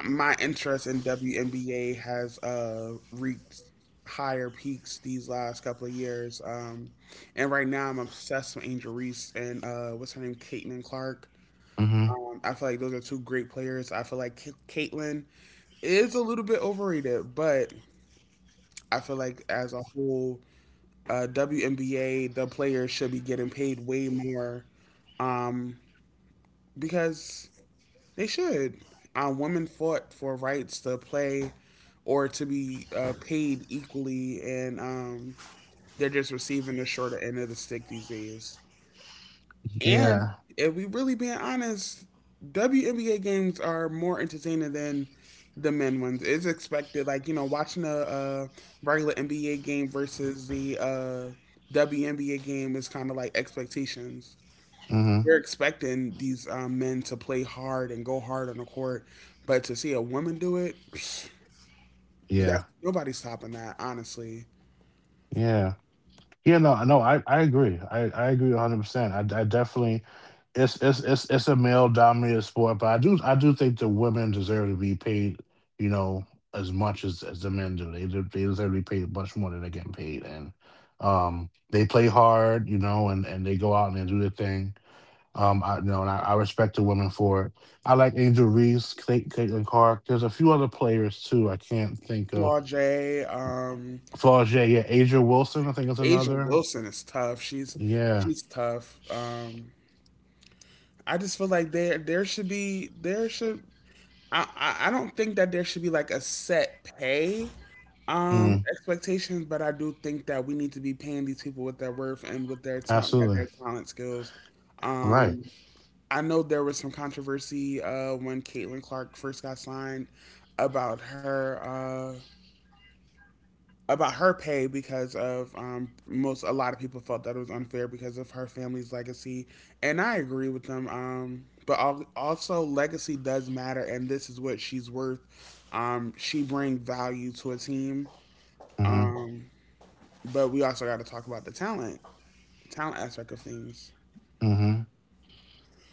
Speaker 1: my interest in W N B A has uh reached higher peaks these last couple of years. Um, and right now I'm obsessed with Angel Reese and uh, what's her name, Caitlin Clark.
Speaker 2: Hmm.
Speaker 1: Um, I feel like those are two great players. I feel like Ca- Caitlin is a little bit overrated, but I feel like as a whole, uh, W N B A, the players should be getting paid way more um, because they should. Uh, women fought for rights to play or to be uh, paid equally, and um, they're just receiving the shorter end of the stick these days.
Speaker 2: Yeah.
Speaker 1: And if we really being honest, W N B A games are more entertaining than the men ones. It's expected, like you know, watching a, uh regular N B A game versus the uh, W N B A game is kind of like expectations.
Speaker 2: Mm-hmm.
Speaker 1: We're expecting these um, men to play hard and go hard on the court, but to see a woman do it, psh,
Speaker 2: Yeah,
Speaker 1: that's nobody's topping that. Honestly,
Speaker 2: yeah, yeah. No, no, I I agree. I I agree one hundred percent. I I definitely. It's it's it's it's a male dominated sport, but I do I do think the women deserve to be paid, you know, as much as as the men do. They do, they deserve to be paid much more than they're getting paid. And um, they play hard, you know, and and they go out and they do their thing. Um, I, you know, and I, I respect the women for it. I like Angel Reese, Cla- Caitlin Clark. There's a few other players too. I can't think of
Speaker 1: Flaw J, um,
Speaker 2: Flaugier, yeah, Asia Wilson, I think is
Speaker 1: Asia
Speaker 2: another.
Speaker 1: Wilson is tough. She's
Speaker 2: Yeah,
Speaker 1: she's tough. Um, I just feel like there there should be there should I, I I don't think that there should be like a set pay
Speaker 2: mm,
Speaker 1: um expectations, but I do think that we need to be paying these people with their worth and with their talent
Speaker 2: absolutely,
Speaker 1: at their talent skills.
Speaker 2: right.
Speaker 1: Um I know there was some controversy uh, when Caitlin Clark first got signed about her uh, about her pay because of um, most a lot of people felt that it was unfair because of her family's legacy, and I agree with them. Um, but also, legacy does matter, and this is what she's worth. Um, she brings value to a team,
Speaker 2: Hmm.
Speaker 1: um, but we also got to talk about the talent, the talent aspect of things.
Speaker 2: Hmm.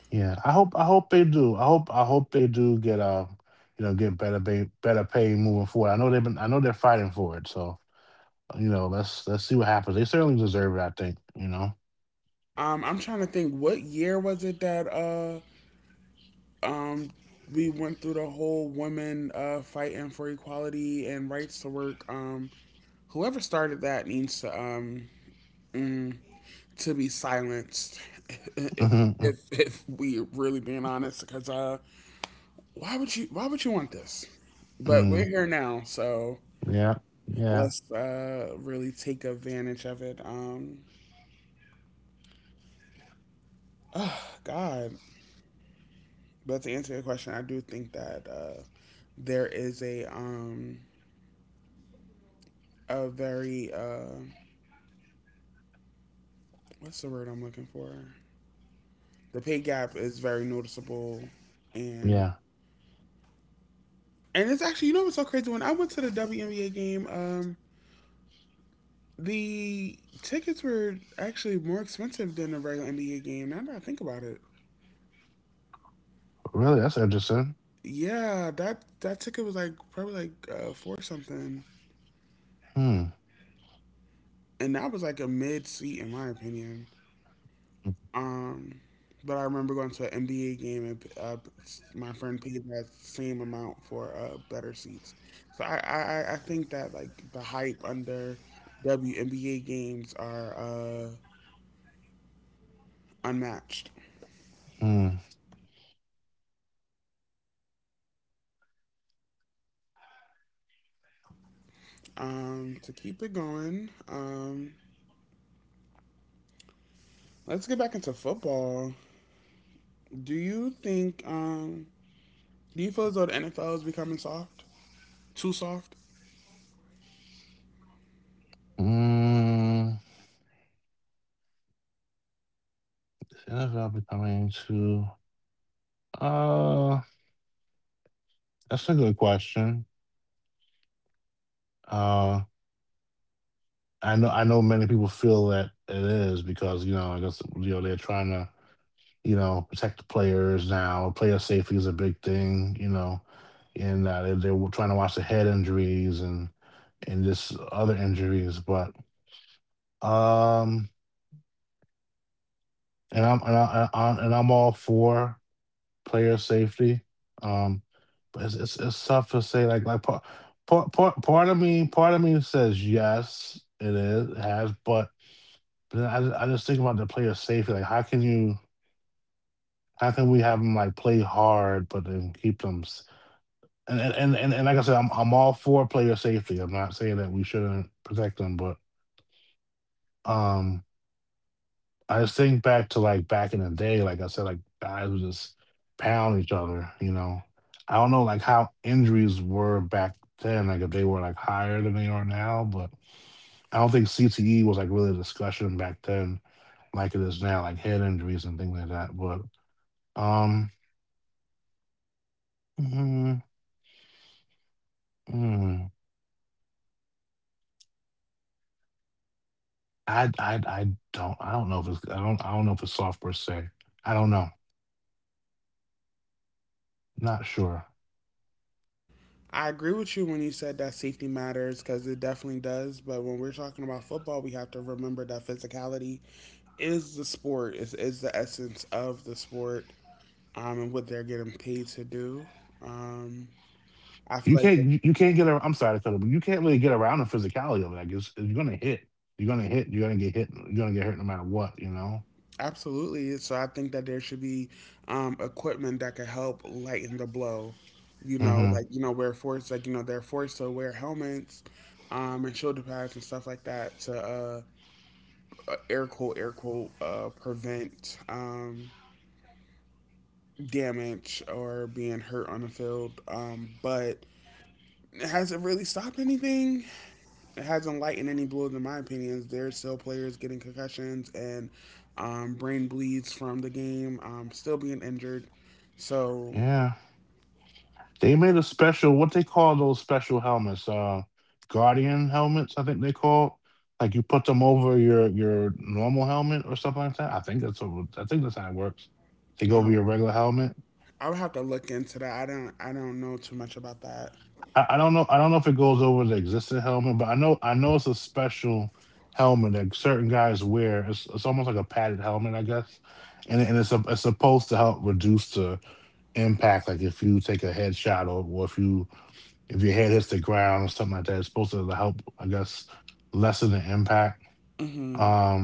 Speaker 2: Yeah, I hope I hope they do. I hope I hope they do get uh you know, get better pay, better pay moving forward. I know they've been I know they're fighting for it. So you know, let's let's see what happens. They certainly deserve it, I think, you know.
Speaker 1: Um, I'm trying to think what year was it that uh Um, we went through the whole women uh, fighting for equality and rights to work. Um, whoever started that needs to um, mm, to be silenced. If
Speaker 2: Hmm.
Speaker 1: if if we really being honest, because uh, why would you why would you want this? But
Speaker 2: Mm.
Speaker 1: we're here now, so
Speaker 2: Yeah, yeah,
Speaker 1: let's uh really take advantage of it. Um, oh God. But to answer your question, I do think that uh, there is a um a very uh what's the word I'm looking for? The pay gap is very noticeable,
Speaker 2: yeah.
Speaker 1: and and it's actually you know what's so crazy. When I went to the W N B A game, um, the tickets were actually more expensive than a regular N B A game. Now that I think about it,
Speaker 2: Really, that's interesting.
Speaker 1: yeah, that that ticket was like probably like uh, four something,
Speaker 2: Hmm.
Speaker 1: and that was like a mid seat in my opinion. Um, but I remember going to an N B A game, and uh, my friend paid that same amount for uh, better seats. So I, I, I I think that like the hype under W N B A games are uh, unmatched.
Speaker 2: Hmm.
Speaker 1: Um, to keep it going, um, let's get back into football. Do you think um, do you feel as though the N F L is becoming soft? Too soft?
Speaker 2: Mm, is N F L becoming too? Uh, that's a good question. Uh, I know, I know many people feel that it is because, you know, I guess, you know, they're trying to, you know, protect the players now. Player safety is a big thing, you know, and uh, they, they're trying to watch the head injuries and and this other injuries. But um, and I'm and I, I, I and I'm all for player safety. Um, but it's, it's it's tough to say. Like like part part part part of me, part of me says yes, it is, it has. but but then I just, I just think about the player safety. Like how can you how can we have them like play hard, but then keep them s- and and and, and and like I said, I'm I'm all for player safety. I'm not saying that we shouldn't protect them, but um. I just think back to like back in the day, like I said, like guys would just pound each other, you know. I don't know like how injuries were back then, like if they were like higher than they are now, but I don't think C T E was like really a discussion back then like it is now, like head injuries and things like that. But um mm, mm, I I I don't I don't know if it's I don't I don't know if it's soft per se. I don't know. Not sure.
Speaker 1: I agree with you when you said that safety matters, because it definitely does. But when we're talking about football, we have to remember that physicality is the sport, is, is the essence of the sport, um, and what they're getting paid to do. Um, I
Speaker 2: You
Speaker 1: feel
Speaker 2: can't
Speaker 1: like they-
Speaker 2: you, you can't get around, I'm sorry to cut it, but you can't really get around the physicality of it. I guess you're gonna hit. You're gonna hit, you're gonna get hit, you're gonna get hurt no matter what, you know?
Speaker 1: absolutely. So I think that there should be um, equipment that could help lighten the blow. You
Speaker 2: Hmm.
Speaker 1: know, like, you know, we're forced, like, you know, they're forced to wear helmets, um, and shoulder pads and stuff like that to, uh, uh, air quote air quote, uh, prevent um, damage or being hurt on the field. Um, but it hasn't really stopped anything. It hasn't lightened any blows in my opinion. There's still players getting concussions and, um, brain bleeds from the game, um, still being injured. So
Speaker 2: Yeah. They made a special, what they call those special helmets, uh, Guardian helmets, I think they call. Like you put them over your your normal helmet or something like that. I think that's what, I think that's how it works. They go over your
Speaker 1: um,
Speaker 2: regular helmet.
Speaker 1: I would have to look into that. I don't I don't know too much about that.
Speaker 2: I, I don't know. I don't know if it goes over the existing helmet, but I know I know it's a special helmet that certain guys wear. It's it's almost like a padded helmet, I guess, and and it's a, it's supposed to help reduce the impact. Like if you take a headshot or, or if you if your head hits the ground or something like that, it's supposed to help, I guess, lessen the impact.
Speaker 1: Hmm.
Speaker 2: Um,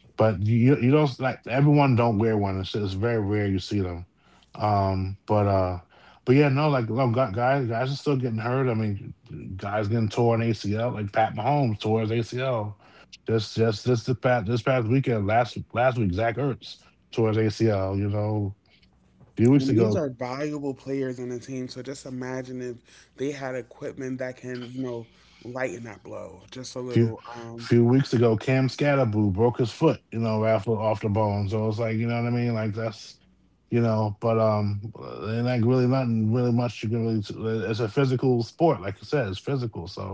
Speaker 2: but you you don't like everyone don't wear one. It's, it's very rare you see them. Um, but uh, but yeah. No, like no, gu- guys, guys are still getting hurt. I mean, guys getting torn A C L. Like Pat Mahomes tore his A C L just just just this past this past weekend. Last last week, Zach Ertz tore his A C L. You know, a few weeks
Speaker 1: And
Speaker 2: ago,
Speaker 1: these are valuable players on the team. So just imagine if they had equipment that can, you know, lighten that blow just a
Speaker 2: few
Speaker 1: little.
Speaker 2: few
Speaker 1: Um,
Speaker 2: weeks ago, Cam Scatterboo broke his foot, you know, after off the bone. So it's like, you know what I mean? Like that's, you know, but um, and like really nothing really much you can really. t- It's a physical sport, like you said, it's physical. So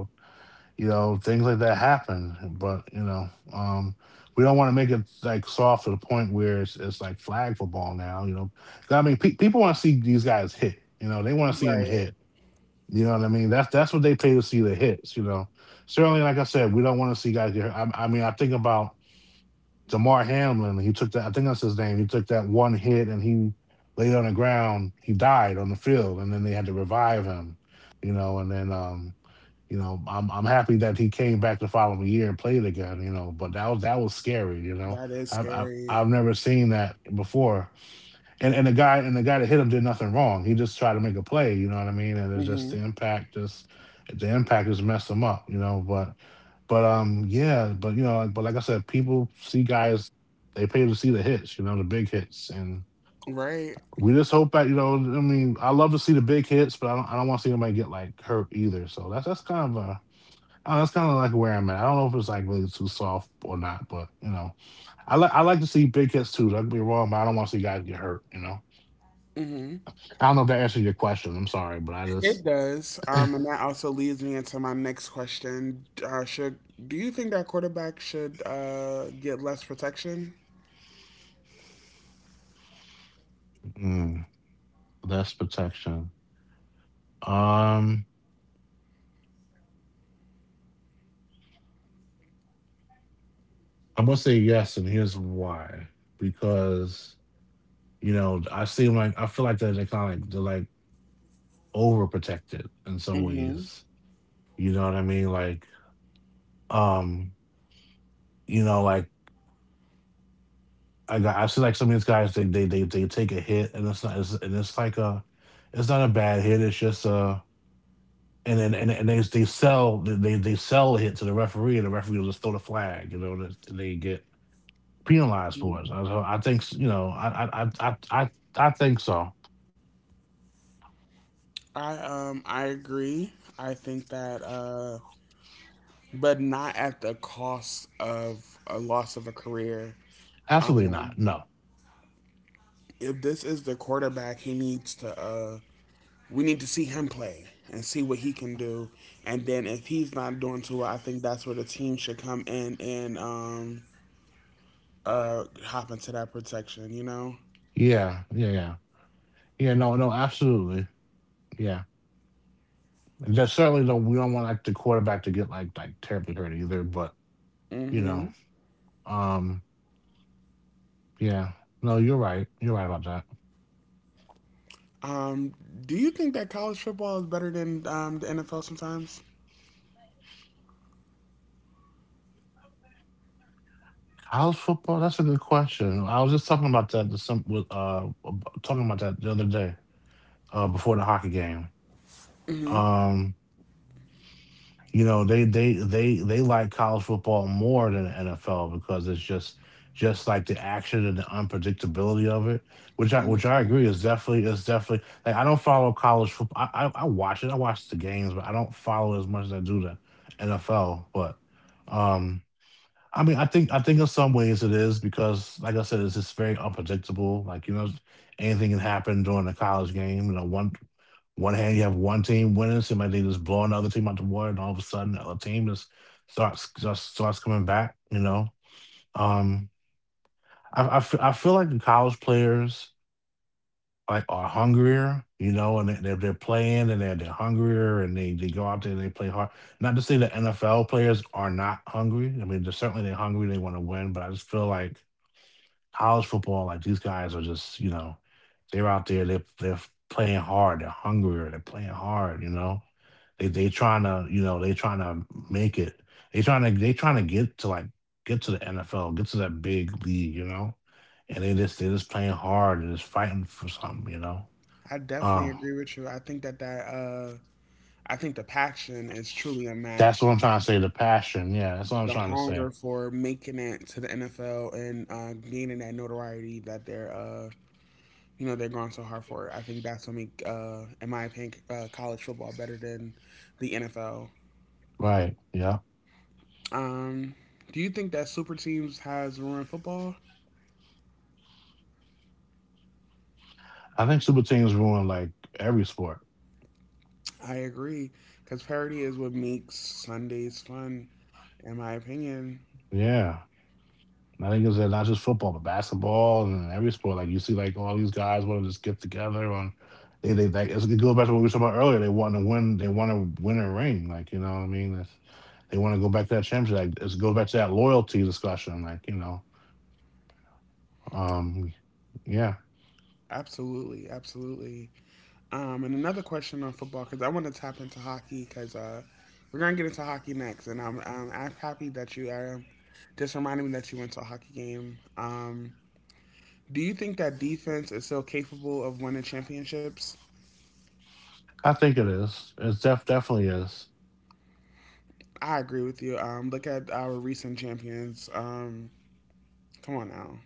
Speaker 2: you know things like that happen, but you know, um, we don't want to make it like soft to the point where it's it's like flag football now. You know, 'cause, I mean, pe- people want to see these guys hit. You know, they want to see them hit,
Speaker 1: right.
Speaker 2: you know what I mean? That's that's what they pay to see, the hits. You know, certainly, like I said, we don't want to see guys get hurt. I, I mean, I think about Damar Hamlin. He took that. I think that's his name. He took that one hit and he laid on the ground. He died on the field, and then they had to revive him. You know, and then um, you know, I'm I'm happy that he came back the following year and played again. You know, but that was that was scary. You know,
Speaker 1: That
Speaker 2: I,
Speaker 1: is
Speaker 2: I I've
Speaker 1: scary.
Speaker 2: never seen that before, and and the guy and the guy that hit him did nothing wrong. He just tried to make a play, you know what I mean? And it's just the
Speaker 1: Hmm.
Speaker 2: impact just the impact just messed him up, you know. But but um yeah, but you know, like, but like I said, people see guys, they pay to see the hits, you know, the big hits. And
Speaker 1: Right.
Speaker 2: we just hope that, you know, I mean, I love to see the big hits, but I don't I don't want to see anybody get like hurt either. So that's that's kind of a, I don't know, that's kind of like where I'm at. I don't know if it's like really too soft or not, but you know, I like I like to see big hits too. Don't get me wrong, but I don't want to see guys get hurt. You know.
Speaker 1: Hmm.
Speaker 2: I don't know if that answers your question. I'm sorry, but I just
Speaker 1: It does. Um, and that also leads me into my next question. Uh, should do you think that quarterback should uh, get less protection?
Speaker 2: mm, that's protection. Um, I'm gonna say yes, and here's why. Because you know, I seem like I feel like they're, they're kind of like they're like overprotected in some ways.
Speaker 1: Hmm.
Speaker 2: You know what I mean? Like, um, you know, like I got I see like some of these guys they they they they take a hit and it's not it's, and it's like a, it's not a bad hit. It's just a, and then and, and they they sell they they sell it to the referee, and the referee will just throw the flag. You know, and they get penalized for it. So I I think you know I I I I I I think so.
Speaker 1: I um I agree. I think that, uh but not at the cost of a loss of a career.
Speaker 2: Absolutely not.
Speaker 1: Um,
Speaker 2: No.
Speaker 1: if this is the quarterback, he needs to. Uh, we need to see him play and see what he can do. And then if he's not doing too well, I think that's where the team should come in and, um, uh, hop into that protection. You know.
Speaker 2: Yeah, yeah, yeah. Yeah, no, no, absolutely. Yeah. And that certainly don't. We don't want like the quarterback to get like like terribly hurt either. But you know,
Speaker 1: Hmm.
Speaker 2: um, yeah. No, you're right. You're right about that.
Speaker 1: Um, do you think that college football is better than, um, the N F L sometimes?
Speaker 2: College football. That's a good question. I was just talking about that. To some with uh Talking about that the other day. Uh, before the hockey game. Um, you know, they they they they like college football more than the N F L because it's just just like the action and the unpredictability of it, which I which I
Speaker 1: Hmm.
Speaker 2: agree is definitely is definitely like, I don't follow college football. I, I I watch it, I watch the games, but I don't follow as much as I do the N F L. But um I mean, I think I think in some ways it is because, like I said, it's just very unpredictable. Like you know, anything can happen during a college game. You know, one one hand, you have one team winning, seem like they just blowing the other team out the water, and all of a sudden, the other team just starts just starts coming back. You know, um, I I fe- I feel like the college players like are hungrier, you know, and they- they're they're playing and they're they're hungrier and they they go out there and they play hard. Not to say that N F L players are not hungry. I mean, they're certainly they're hungry, they want to win, but I just feel like college football, like these guys are just, you know, they're out there, they're they're playing hard, they're hungrier, they're playing hard, you know. They they trying to, you know, they trying to make it. They trying to, they trying to get to like get to the N F L, get to that big league, you know. And they just they just playing hard and just fighting for something, you know.
Speaker 1: I
Speaker 2: Um,
Speaker 1: definitely agree with you. I think that that uh, I think the passion is truly
Speaker 2: that's what I'm
Speaker 1: unmatched.
Speaker 2: trying to say. The passion, yeah, that's what I'm trying
Speaker 1: The
Speaker 2: to say.
Speaker 1: hunger for making it to the N F L and, uh, gaining that notoriety that they're uh, you know they're going so hard for it. I think that's what make, uh, in my opinion, uh, college football better than the N F L.
Speaker 2: Right, yeah.
Speaker 1: Um, do you think that super teams has ruined football?
Speaker 2: I think super teams ruin like every sport.
Speaker 1: I agree, because parity is what makes Sundays fun, in my opinion.
Speaker 2: Yeah. I think it's uh, not just football, but basketball and every sport. Like you see, like all these guys want to just get together on. They they like it's, it goes back to what we were talking about earlier. They want to win. They want to win a ring. Like you know what I mean. It's, they want to go back to that championship. Like it goes back to that loyalty discussion. Like you know, um, yeah,
Speaker 1: Absolutely, absolutely. Um, and another question on football, because I want to tap into hockey, because uh, we're gonna get into hockey next, and I'm, I'm I'm happy that you, uh, just reminded me that you went to a hockey game. Um, do you think that defense is still capable of winning championships?
Speaker 2: I think it is. It def- definitely is.
Speaker 1: I agree with you. Um, look at our recent champions. Um, come on now.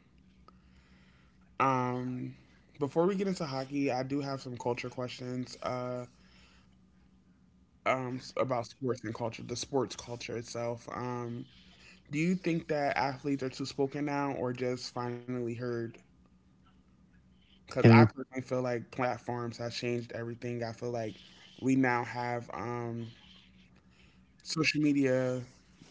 Speaker 1: Um, Before we get into hockey, I do have some culture questions, uh, um, s- about sports and culture, the sports culture itself. Um, Do you think that athletes are too spoken now or just finally heard?
Speaker 2: Can
Speaker 1: Because
Speaker 2: you?
Speaker 1: I personally feel like platforms have changed everything. I feel like we now have, um, social media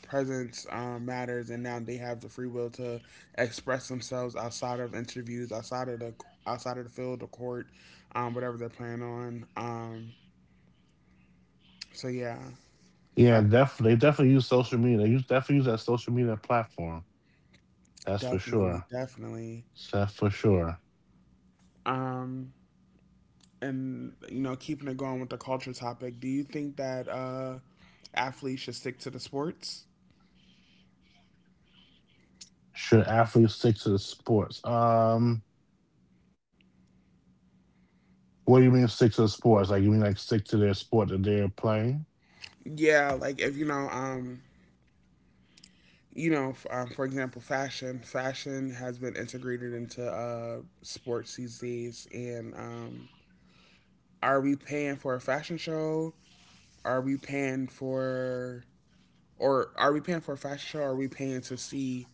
Speaker 1: presence, um, matters, and now they have the free will to express themselves outside of interviews, outside of the outside of the field, the court, um, whatever they're playing on. Um, so yeah,
Speaker 2: Yeah,
Speaker 1: I,
Speaker 2: def- they definitely use social media. They use definitely use that social media platform. That's for sure.
Speaker 1: definitely, definitely.
Speaker 2: That's for sure.
Speaker 1: Um, and you know, keeping it going with the culture topic, do you think that? Uh, athletes should stick to the sports.
Speaker 2: Should athletes stick to the sports? Um, What do you mean stick to the sports? Like you mean like stick to their sport that they're playing?
Speaker 1: Yeah, like if you know, um, you know, um, for example, fashion. Fashion has been integrated into, uh, sports these days, and, um, are we paying for a fashion show? Are we paying for, Or are we paying for a fashion show? Or are we paying to see,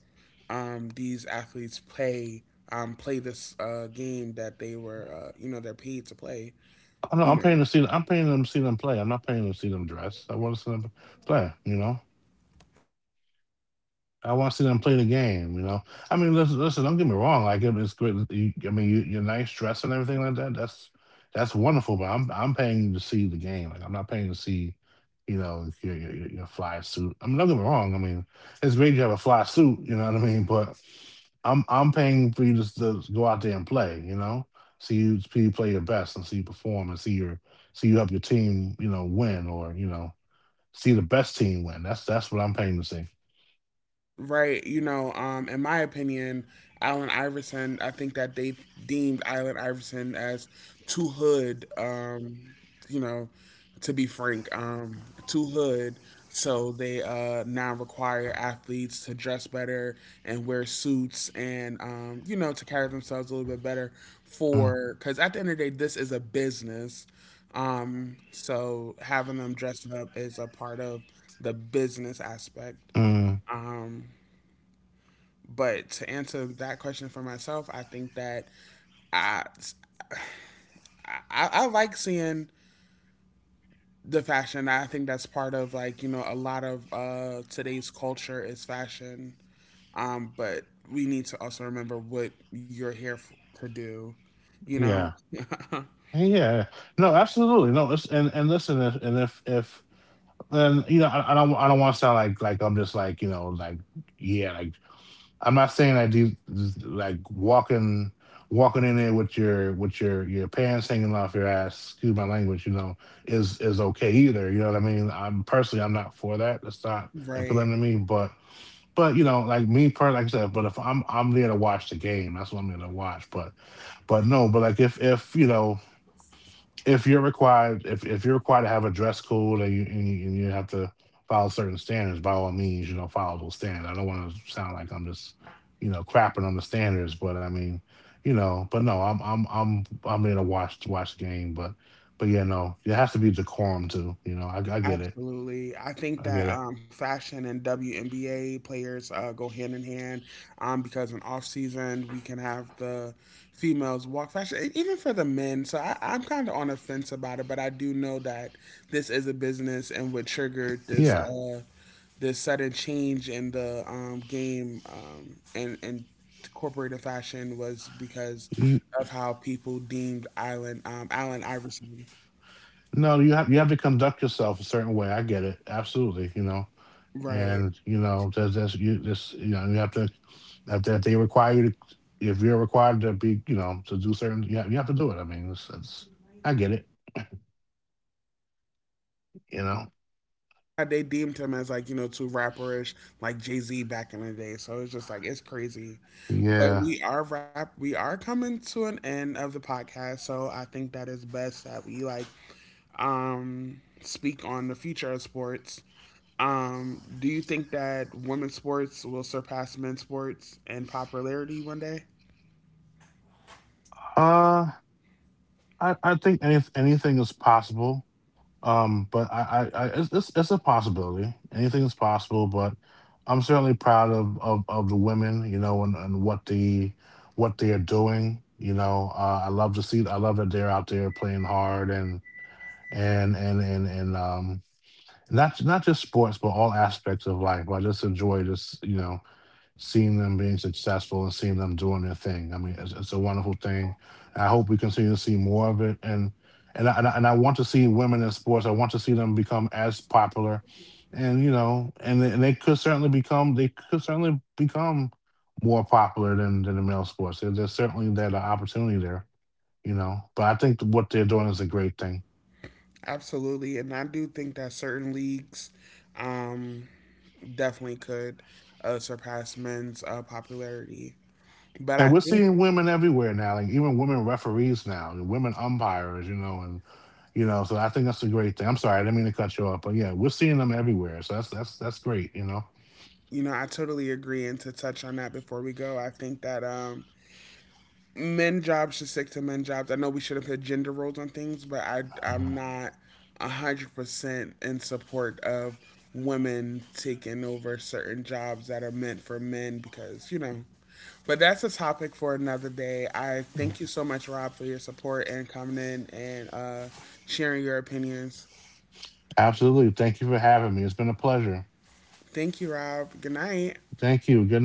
Speaker 1: um, these athletes play, um, play this, uh, game that they were, uh, you know, they're paid to play?
Speaker 2: I know I'm
Speaker 1: You
Speaker 2: paying
Speaker 1: know,
Speaker 2: to see. I'm paying them to see them play. I'm not paying them to see them dress. I want to see them play. You know. I want to see them play the game. You know, I mean, listen, listen, don't get me wrong. Like it- it's great. You, I mean, you, your nice dress and everything like that. That's that's wonderful. But I'm I'm paying to see the game. Like I'm not paying to see, you know, your your, your your fly suit. I mean, don't get me wrong. I mean, it's great you have a fly suit. You know what I mean. But I'm I'm paying for you just to go out there and play. You know, see you see you play your best and see you perform and see your see you help your team. You know, win or you know see the best team win. That's that's what I'm paying to see.
Speaker 1: right, you know, um, in my opinion, Allen Iverson, I think that they deemed Allen Iverson as too hood, um, you know, to be frank, um, too hood. So they, uh, now require athletes to dress better and wear suits, and, um, you know, to carry themselves a little bit better,
Speaker 2: Mm,
Speaker 1: for, because at the end of the day, this is a business. Um, so having them dressed up is a part of the business aspect.
Speaker 2: mm.
Speaker 1: Um, but to answer that question for myself, I think that I, I, I like seeing the fashion. I think that's part of, like you know a lot of, uh, today's culture is fashion. Um, but we need to also remember what you're here f to do. You
Speaker 2: Yeah.
Speaker 1: know,
Speaker 2: And yeah. No, absolutely. No, it's, and and listen, if, and if if and you know, I, I don't I don't want to sound like like I'm just like, you know, like yeah, like I'm not saying I do like walking walking in there with your with your your pants hanging off your ass, excuse my language, you know, is is okay either. You know what I mean? I'm personally I'm not for that. That's not appealing to
Speaker 1: right?
Speaker 2: me, but but you know, like me, per like I said, but if I'm I'm there to watch the game, that's what I'm there to watch. But but no, but like if if you know if you're required if, if you're required to have a dress code and you, and you and you have to follow certain standards, by all means, you know, follow those standards. I don't want to sound like I'm just you know crapping on the standards, but I mean you know. But no, i'm i'm i'm i'm there to watch to watch the game, but but yeah. No, there has to be decorum too, you know. i, I get it.
Speaker 1: Absolutely. I
Speaker 2: I get
Speaker 1: think
Speaker 2: it.
Speaker 1: that, um, fashion and W N B A players, uh, go hand in hand, um, because in off season we can have the females walk fashion, e- even for the men. So I, I'm kind of on the fence about it, but I do know that this is a business, and what triggered
Speaker 2: Yeah.
Speaker 1: this, uh, this sudden change in the, um, game, um, and and corporate fashion was because
Speaker 2: You,
Speaker 1: of how people deemed Island um, Allen Iverson.
Speaker 2: no, you have you have to conduct yourself a certain way. I get it, absolutely, you know. And
Speaker 1: Right.
Speaker 2: you know that's that's you just, you know, you have to, if, that they require you to if you're required to be, you know, to do certain, you have, you have to do it. I mean it's, it's, I get it, you know.
Speaker 1: They deemed him as, like you know too rapperish, like Jay Z back in the day. So it's just like it's crazy.
Speaker 2: Yeah.
Speaker 1: But we are rap. We are coming to an end of the podcast. So I think that is best that we like um speak on the future of sports. Um, do you think that women's sports will surpass men's sports in popularity one day?
Speaker 2: uh i i think any, anything is possible. Um but i i, I it's, it's it's a possibility, anything is possible, but I'm certainly proud of of, of the women, you know, and, and what the what they are doing, you know. uh, I love to see, I love that they're out there playing hard and and and and and um not not just sports, but all aspects of life. I just enjoy just, you know, seeing them being successful and seeing them doing their thing. I mean it's, it's a wonderful thing. I hope we continue to see more of it, and and I, and I and I want to see women in sports. I want to see them become as popular, and you know, and they, and they could certainly become, they could certainly become more popular than than the male sports. There, there's certainly that opportunity there, you know. But I think what they're doing is a great thing.
Speaker 1: Absolutely, and I do think that certain leagues, um, definitely could, uh, surpass men's, uh, popularity.
Speaker 2: And we're
Speaker 1: But I
Speaker 2: seeing
Speaker 1: think,
Speaker 2: women everywhere now, like even women referees now, and women umpires, you know. And you know, so I think that's a great thing. I'm sorry, I didn't mean to cut you off, but yeah, we're seeing them everywhere. So that's that's that's great, you know.
Speaker 1: you know, I totally agree. And to touch on that before we go, I think that, um, men jobs should stick to men jobs. I know we shouldn't put gender roles on things, but I,
Speaker 2: Uh,
Speaker 1: I'm not one hundred percent in support of women taking over certain jobs that are meant for men because, you know, but that's a topic for another day. I thank you so much, Rob, for your support and coming in, and uh, sharing your opinions.
Speaker 2: Absolutely. Thank you for having me. It's been a pleasure.
Speaker 1: Thank you, Rob. Good night.
Speaker 2: Thank you. Good night.